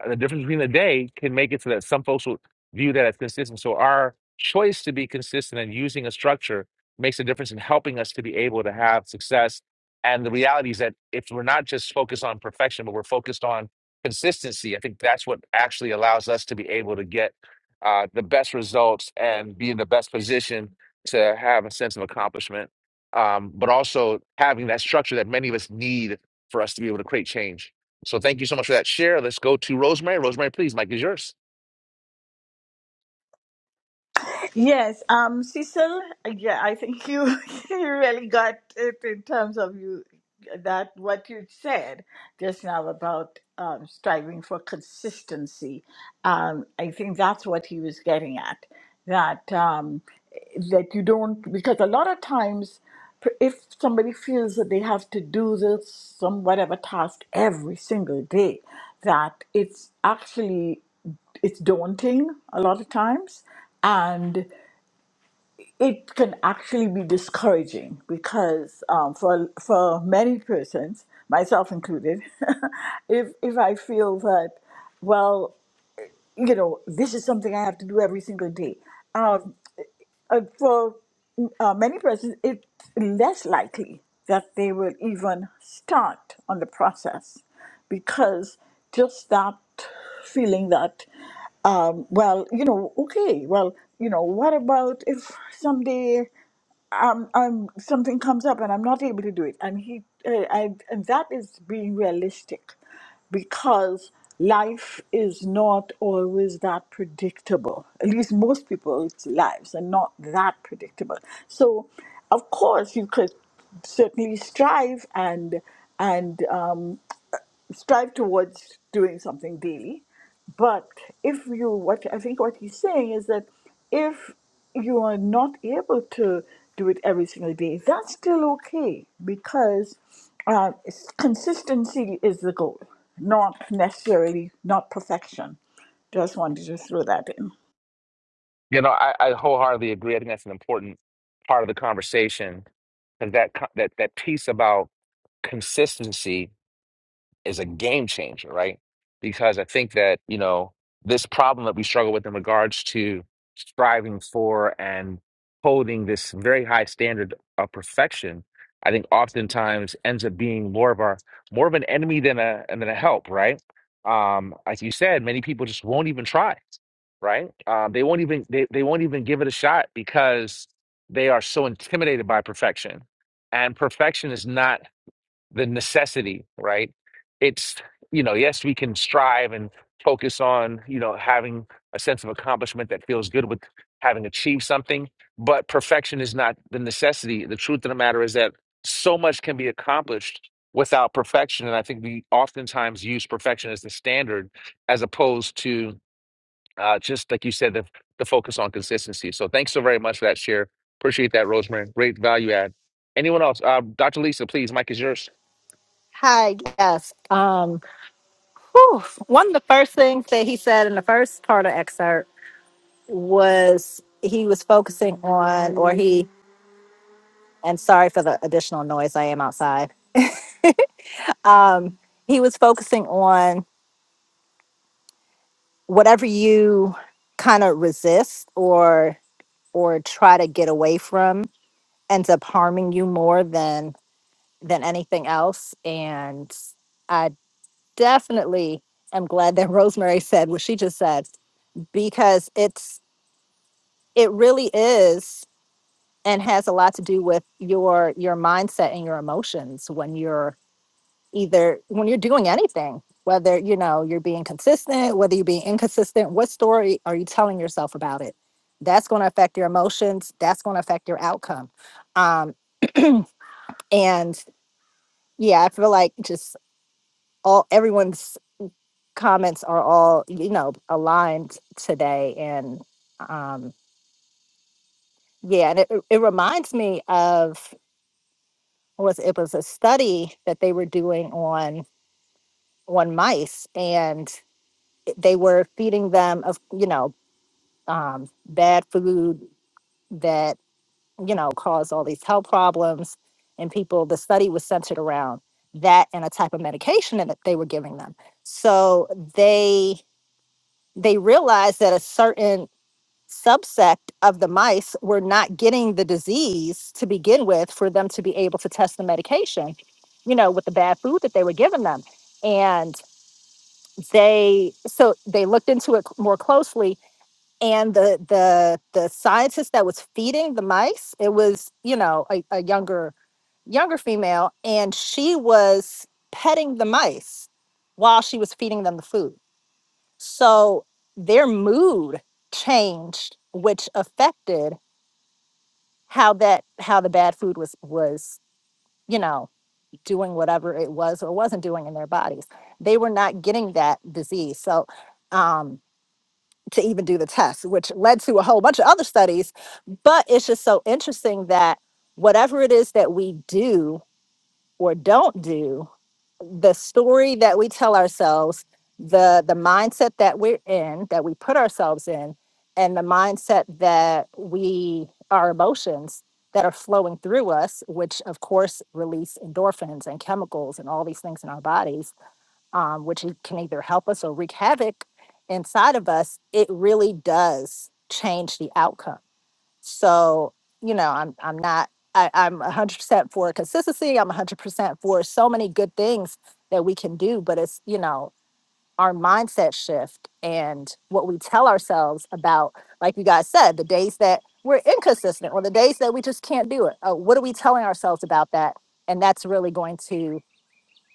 uh, the difference between the day can make it so that some folks will view that as consistent. So our choice to be consistent and using a structure makes a difference in helping us to be able to have success. And the reality is that if we're not just focused on perfection, but we're focused on consistency, I think that's what actually allows us to be able to get uh, the best results and be in the best position to have a sense of accomplishment. Um, but also having that structure that many of us need for us to be able to create change. So thank you so much for that share. Let's go to Rosemary. Rosemary, please, Mike is yours.
Yes, um, Cecil, yeah, I think you you really got it in terms of you that what you said just now about um, striving for consistency. Um, I think that's what he was getting at. That um, that you don't because a lot of times p- if somebody feels that they have to do this some whatever task every single day that it's actually it's daunting a lot of times it can actually be discouraging because um, for for many persons, myself included, if if I feel that, well, you know, this is something I have to do every single day, um, uh, for uh, many persons, it's less likely that they will even start on the process because just that feeling that um, well, you know, okay, well, you know, what about if someday um, um, something comes up and I'm not able to do it. And he, uh, I, and that is being realistic, because life is not always that predictable. At least most people's lives are not that predictable. So, of course, you could certainly strive and and um, strive towards doing something daily. But if you, what I think what he's saying is that if you are not able to do it every single day, that's still okay because uh, it's- consistency is the goal, not necessarily not perfection. Just wanted to throw that in.
You know, I, I wholeheartedly agree. I think that's an important part of the conversation. And that co- that that piece about consistency is a game changer, right? Because I think that, you know, this problem that we struggle with in regards to striving for and holding this very high standard of perfection, I think oftentimes ends up being more of our more of an enemy than a and than a help, right? Um, like you said, many people just won't even try, right? Um, they won't even they, they won't even give it a shot because they are so intimidated by perfection. And perfection is not the necessity, right? It's, you know, yes, we can strive and focus on, you know, having a sense of accomplishment that feels good with having achieved something, but perfection is not the necessity. The truth of the matter is that so much can be accomplished without perfection. And I think we oftentimes use perfection as the standard as opposed to uh, just like you said, the, the focus on consistency. So thanks so very much for that share. Appreciate that, Rosemary. Great value add. Anyone else? Uh, Dr. Lisa, please, Mike is yours.
Hi, yes. Um, whew, one of the first things that he said in the first part of excerpt was he was focusing on, or he, and sorry for the additional noise, I am outside. Um, he was focusing on whatever you kind of resist or or try to get away from ends up harming you more than than anything else and I. definitely am glad that Rosemary said what she just said because it's it really is and has a lot to do with your your mindset and your emotions when you're either when you're doing anything whether you know you're being consistent whether you're being inconsistent what story are you telling yourself about it that's going to affect your emotions that's going to affect your outcome um and yeah i feel like just all everyone's comments are all you know aligned today and um yeah and it, it reminds me of was it was a study that they were doing on on mice and they were feeding them of you know um bad food that you know caused all these health problems and people the study was centered around that and a type of medication that they were giving them so they they realized that a certain subsect of the mice were not getting the disease to begin with for them to be able to test the medication, you know, with the bad food that they were giving them. And they so they looked into it c- more closely and the the the scientist that was feeding the mice, it was, you know, a, a younger younger female and she was petting the mice while she was feeding them the food. So their mood changed which affected how that how the bad food was was you know doing whatever it was or wasn't doing in their bodies they were not getting that disease so um to even do the test which led to a whole bunch of other studies but it's just so interesting that whatever it is that we do or don't do the story that we tell ourselves the the mindset that we're in that we put ourselves in and the mindset that we our emotions that are flowing through us which of course release endorphins and chemicals and all these things in our bodies um, which e- can either help us or wreak havoc inside of us it really does change the outcome so, you know, I'm I'm not I, I'm 100% for consistency. I'm 100% for so many good things that we can do, but it's, you know, our mindset shift and what we tell ourselves about, like you guys said, the days that we're inconsistent or the days that we just can't do it. Uh, what are we telling ourselves about that? And that's really going to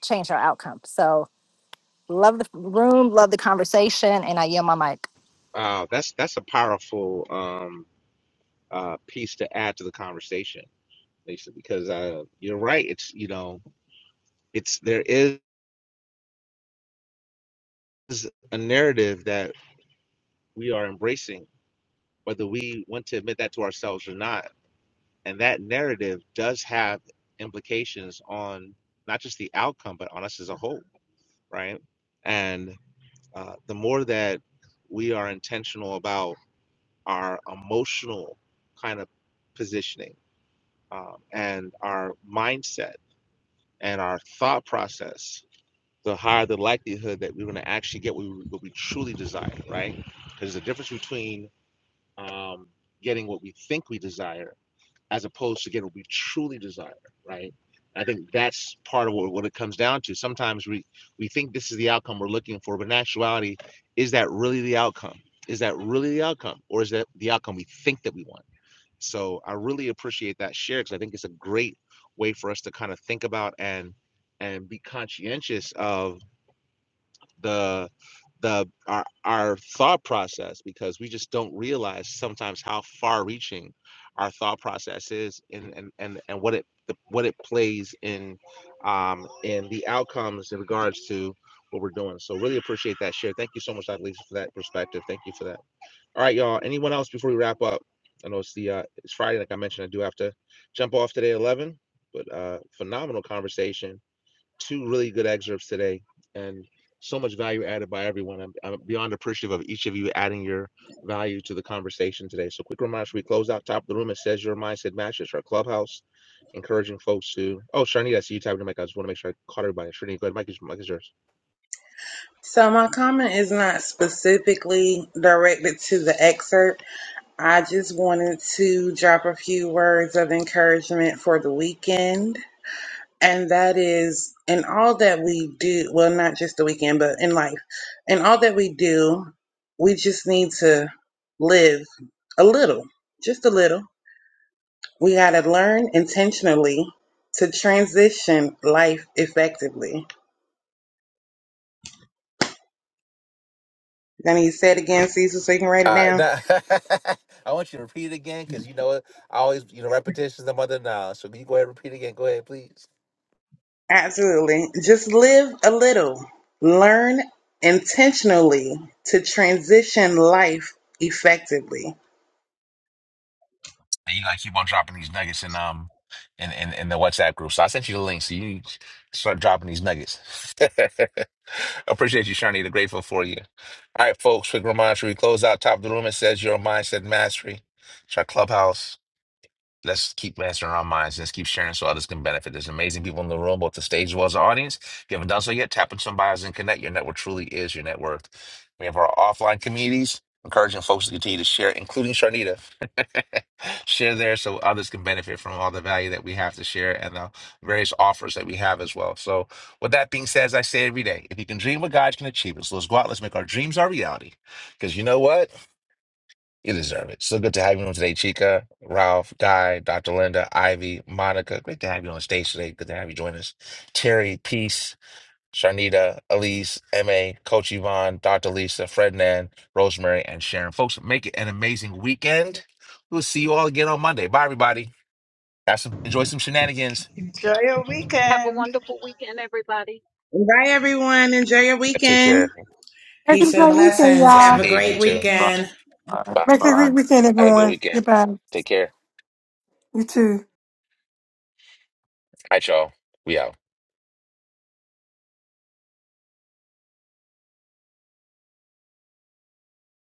change our outcome. So, love the room, love the conversation, and I yield my mic.
Uh, that's that's a powerful um, uh, piece to add to the conversation, Lisa, because uh, you're right. It's you know, it's there is a narrative that we are embracing, whether we want to admit that to ourselves or not, and that narrative does have implications on not just the outcome, but on us as a whole, right? And uh, the more that we are intentional about our emotional kind of positioning um, and our mindset and our thought process, the higher the likelihood that we're going to actually get what we, what we truly desire, right? Because there's a difference between um, getting what we think we desire as opposed to getting what we truly desire, right? I think that's part of what, what it comes down to. Sometimes we, we think this is the outcome we're looking for, but in actuality, is that really the outcome? Is that really the outcome? Or is that the outcome we think that we want? So I really appreciate that share because I think it's a great way for us to kind of think about and and be conscientious of the the our our thought process because we just don't realize sometimes how far reaching our thought process is and and and, and what it the, what it plays in um in the outcomes in regards to what we're doing. So really appreciate that share. Thank you so much, Dr. Lisa, for that perspective. Thank you for that. All right, y'all. Anyone else before we wrap up? I know it's the uh, it's Friday, like I mentioned. I do have to jump off today at eleven, but uh, phenomenal conversation. Two really good excerpts today, and so much value added by everyone. I'm, I'm beyond appreciative of each of you adding your value to the conversation today. So, quick reminder: we close out top of the room? It says your mindset matches our clubhouse, encouraging folks to. Oh, Sharnita, I see you tapping the mic. I just want to make sure I caught everybody. Sharnita, go ahead. Mike is, Mike is yours.
So my comment is not specifically directed to the excerpt. I just wanted to drop a few words of encouragement for the weekend. And that is in all that we do, well, not just the weekend, but in life, in all that we do, we just need to live a little, just a little. We got to learn intentionally to transition life effectively. Gonna you say it again, Cecil, so you can write it
Uh,
down?
nah, I want you to repeat it again because you know what? I always, you know, repetition is the mother of knowledge. So can you go ahead and repeat again? Go ahead, please.
Absolutely. Just live a little. Learn intentionally to transition life effectively.
And you like keep on dropping these nuggets in um in, in in the WhatsApp group. So I sent you the link, so you start dropping these nuggets. Appreciate you, Sharnita. Grateful for you. All right, folks. Quick reminder: we close out top of the room. It says your mindset mastery. It's our clubhouse. Let's keep mastering our minds. Let's keep sharing so others can benefit. There's amazing people in the room, both the stage as well as the audience. If you haven't done so yet, tap on some bios and connect. Your network truly is your net worth. We have our offline communities, encouraging folks to continue to share, including Sharnita. share there so others can benefit from all the value that we have to share and the various offers that we have as well. So, with that being said, as I say every day, if you can dream what God can achieve it, so let's go out, let's make our dreams our reality. Because you know what? You deserve it. So good to have you on today, Chica, Ralph, Guy, Dr. Linda, Ivy, Monica. Great to have you on stage today. Good to have you join us. Terry, Peace, Sharnita, Elise, MA, Coach Yvonne, Dr. Lisa, Frednan, Rosemary, and Sharon. Folks, make it an amazing weekend. We'll see you all again on Monday. Bye, everybody. Have some enjoy.
Enjoy your
Have a
weekend.
wonderful weekend, everybody.
Bye, everyone. Enjoy your weekend.
Make it a
Peace and
great weekend,
blessings. Have
y'all.
a great weekend.
Make
All
it a
right.
great weekend, everyone. Goodbye. You too.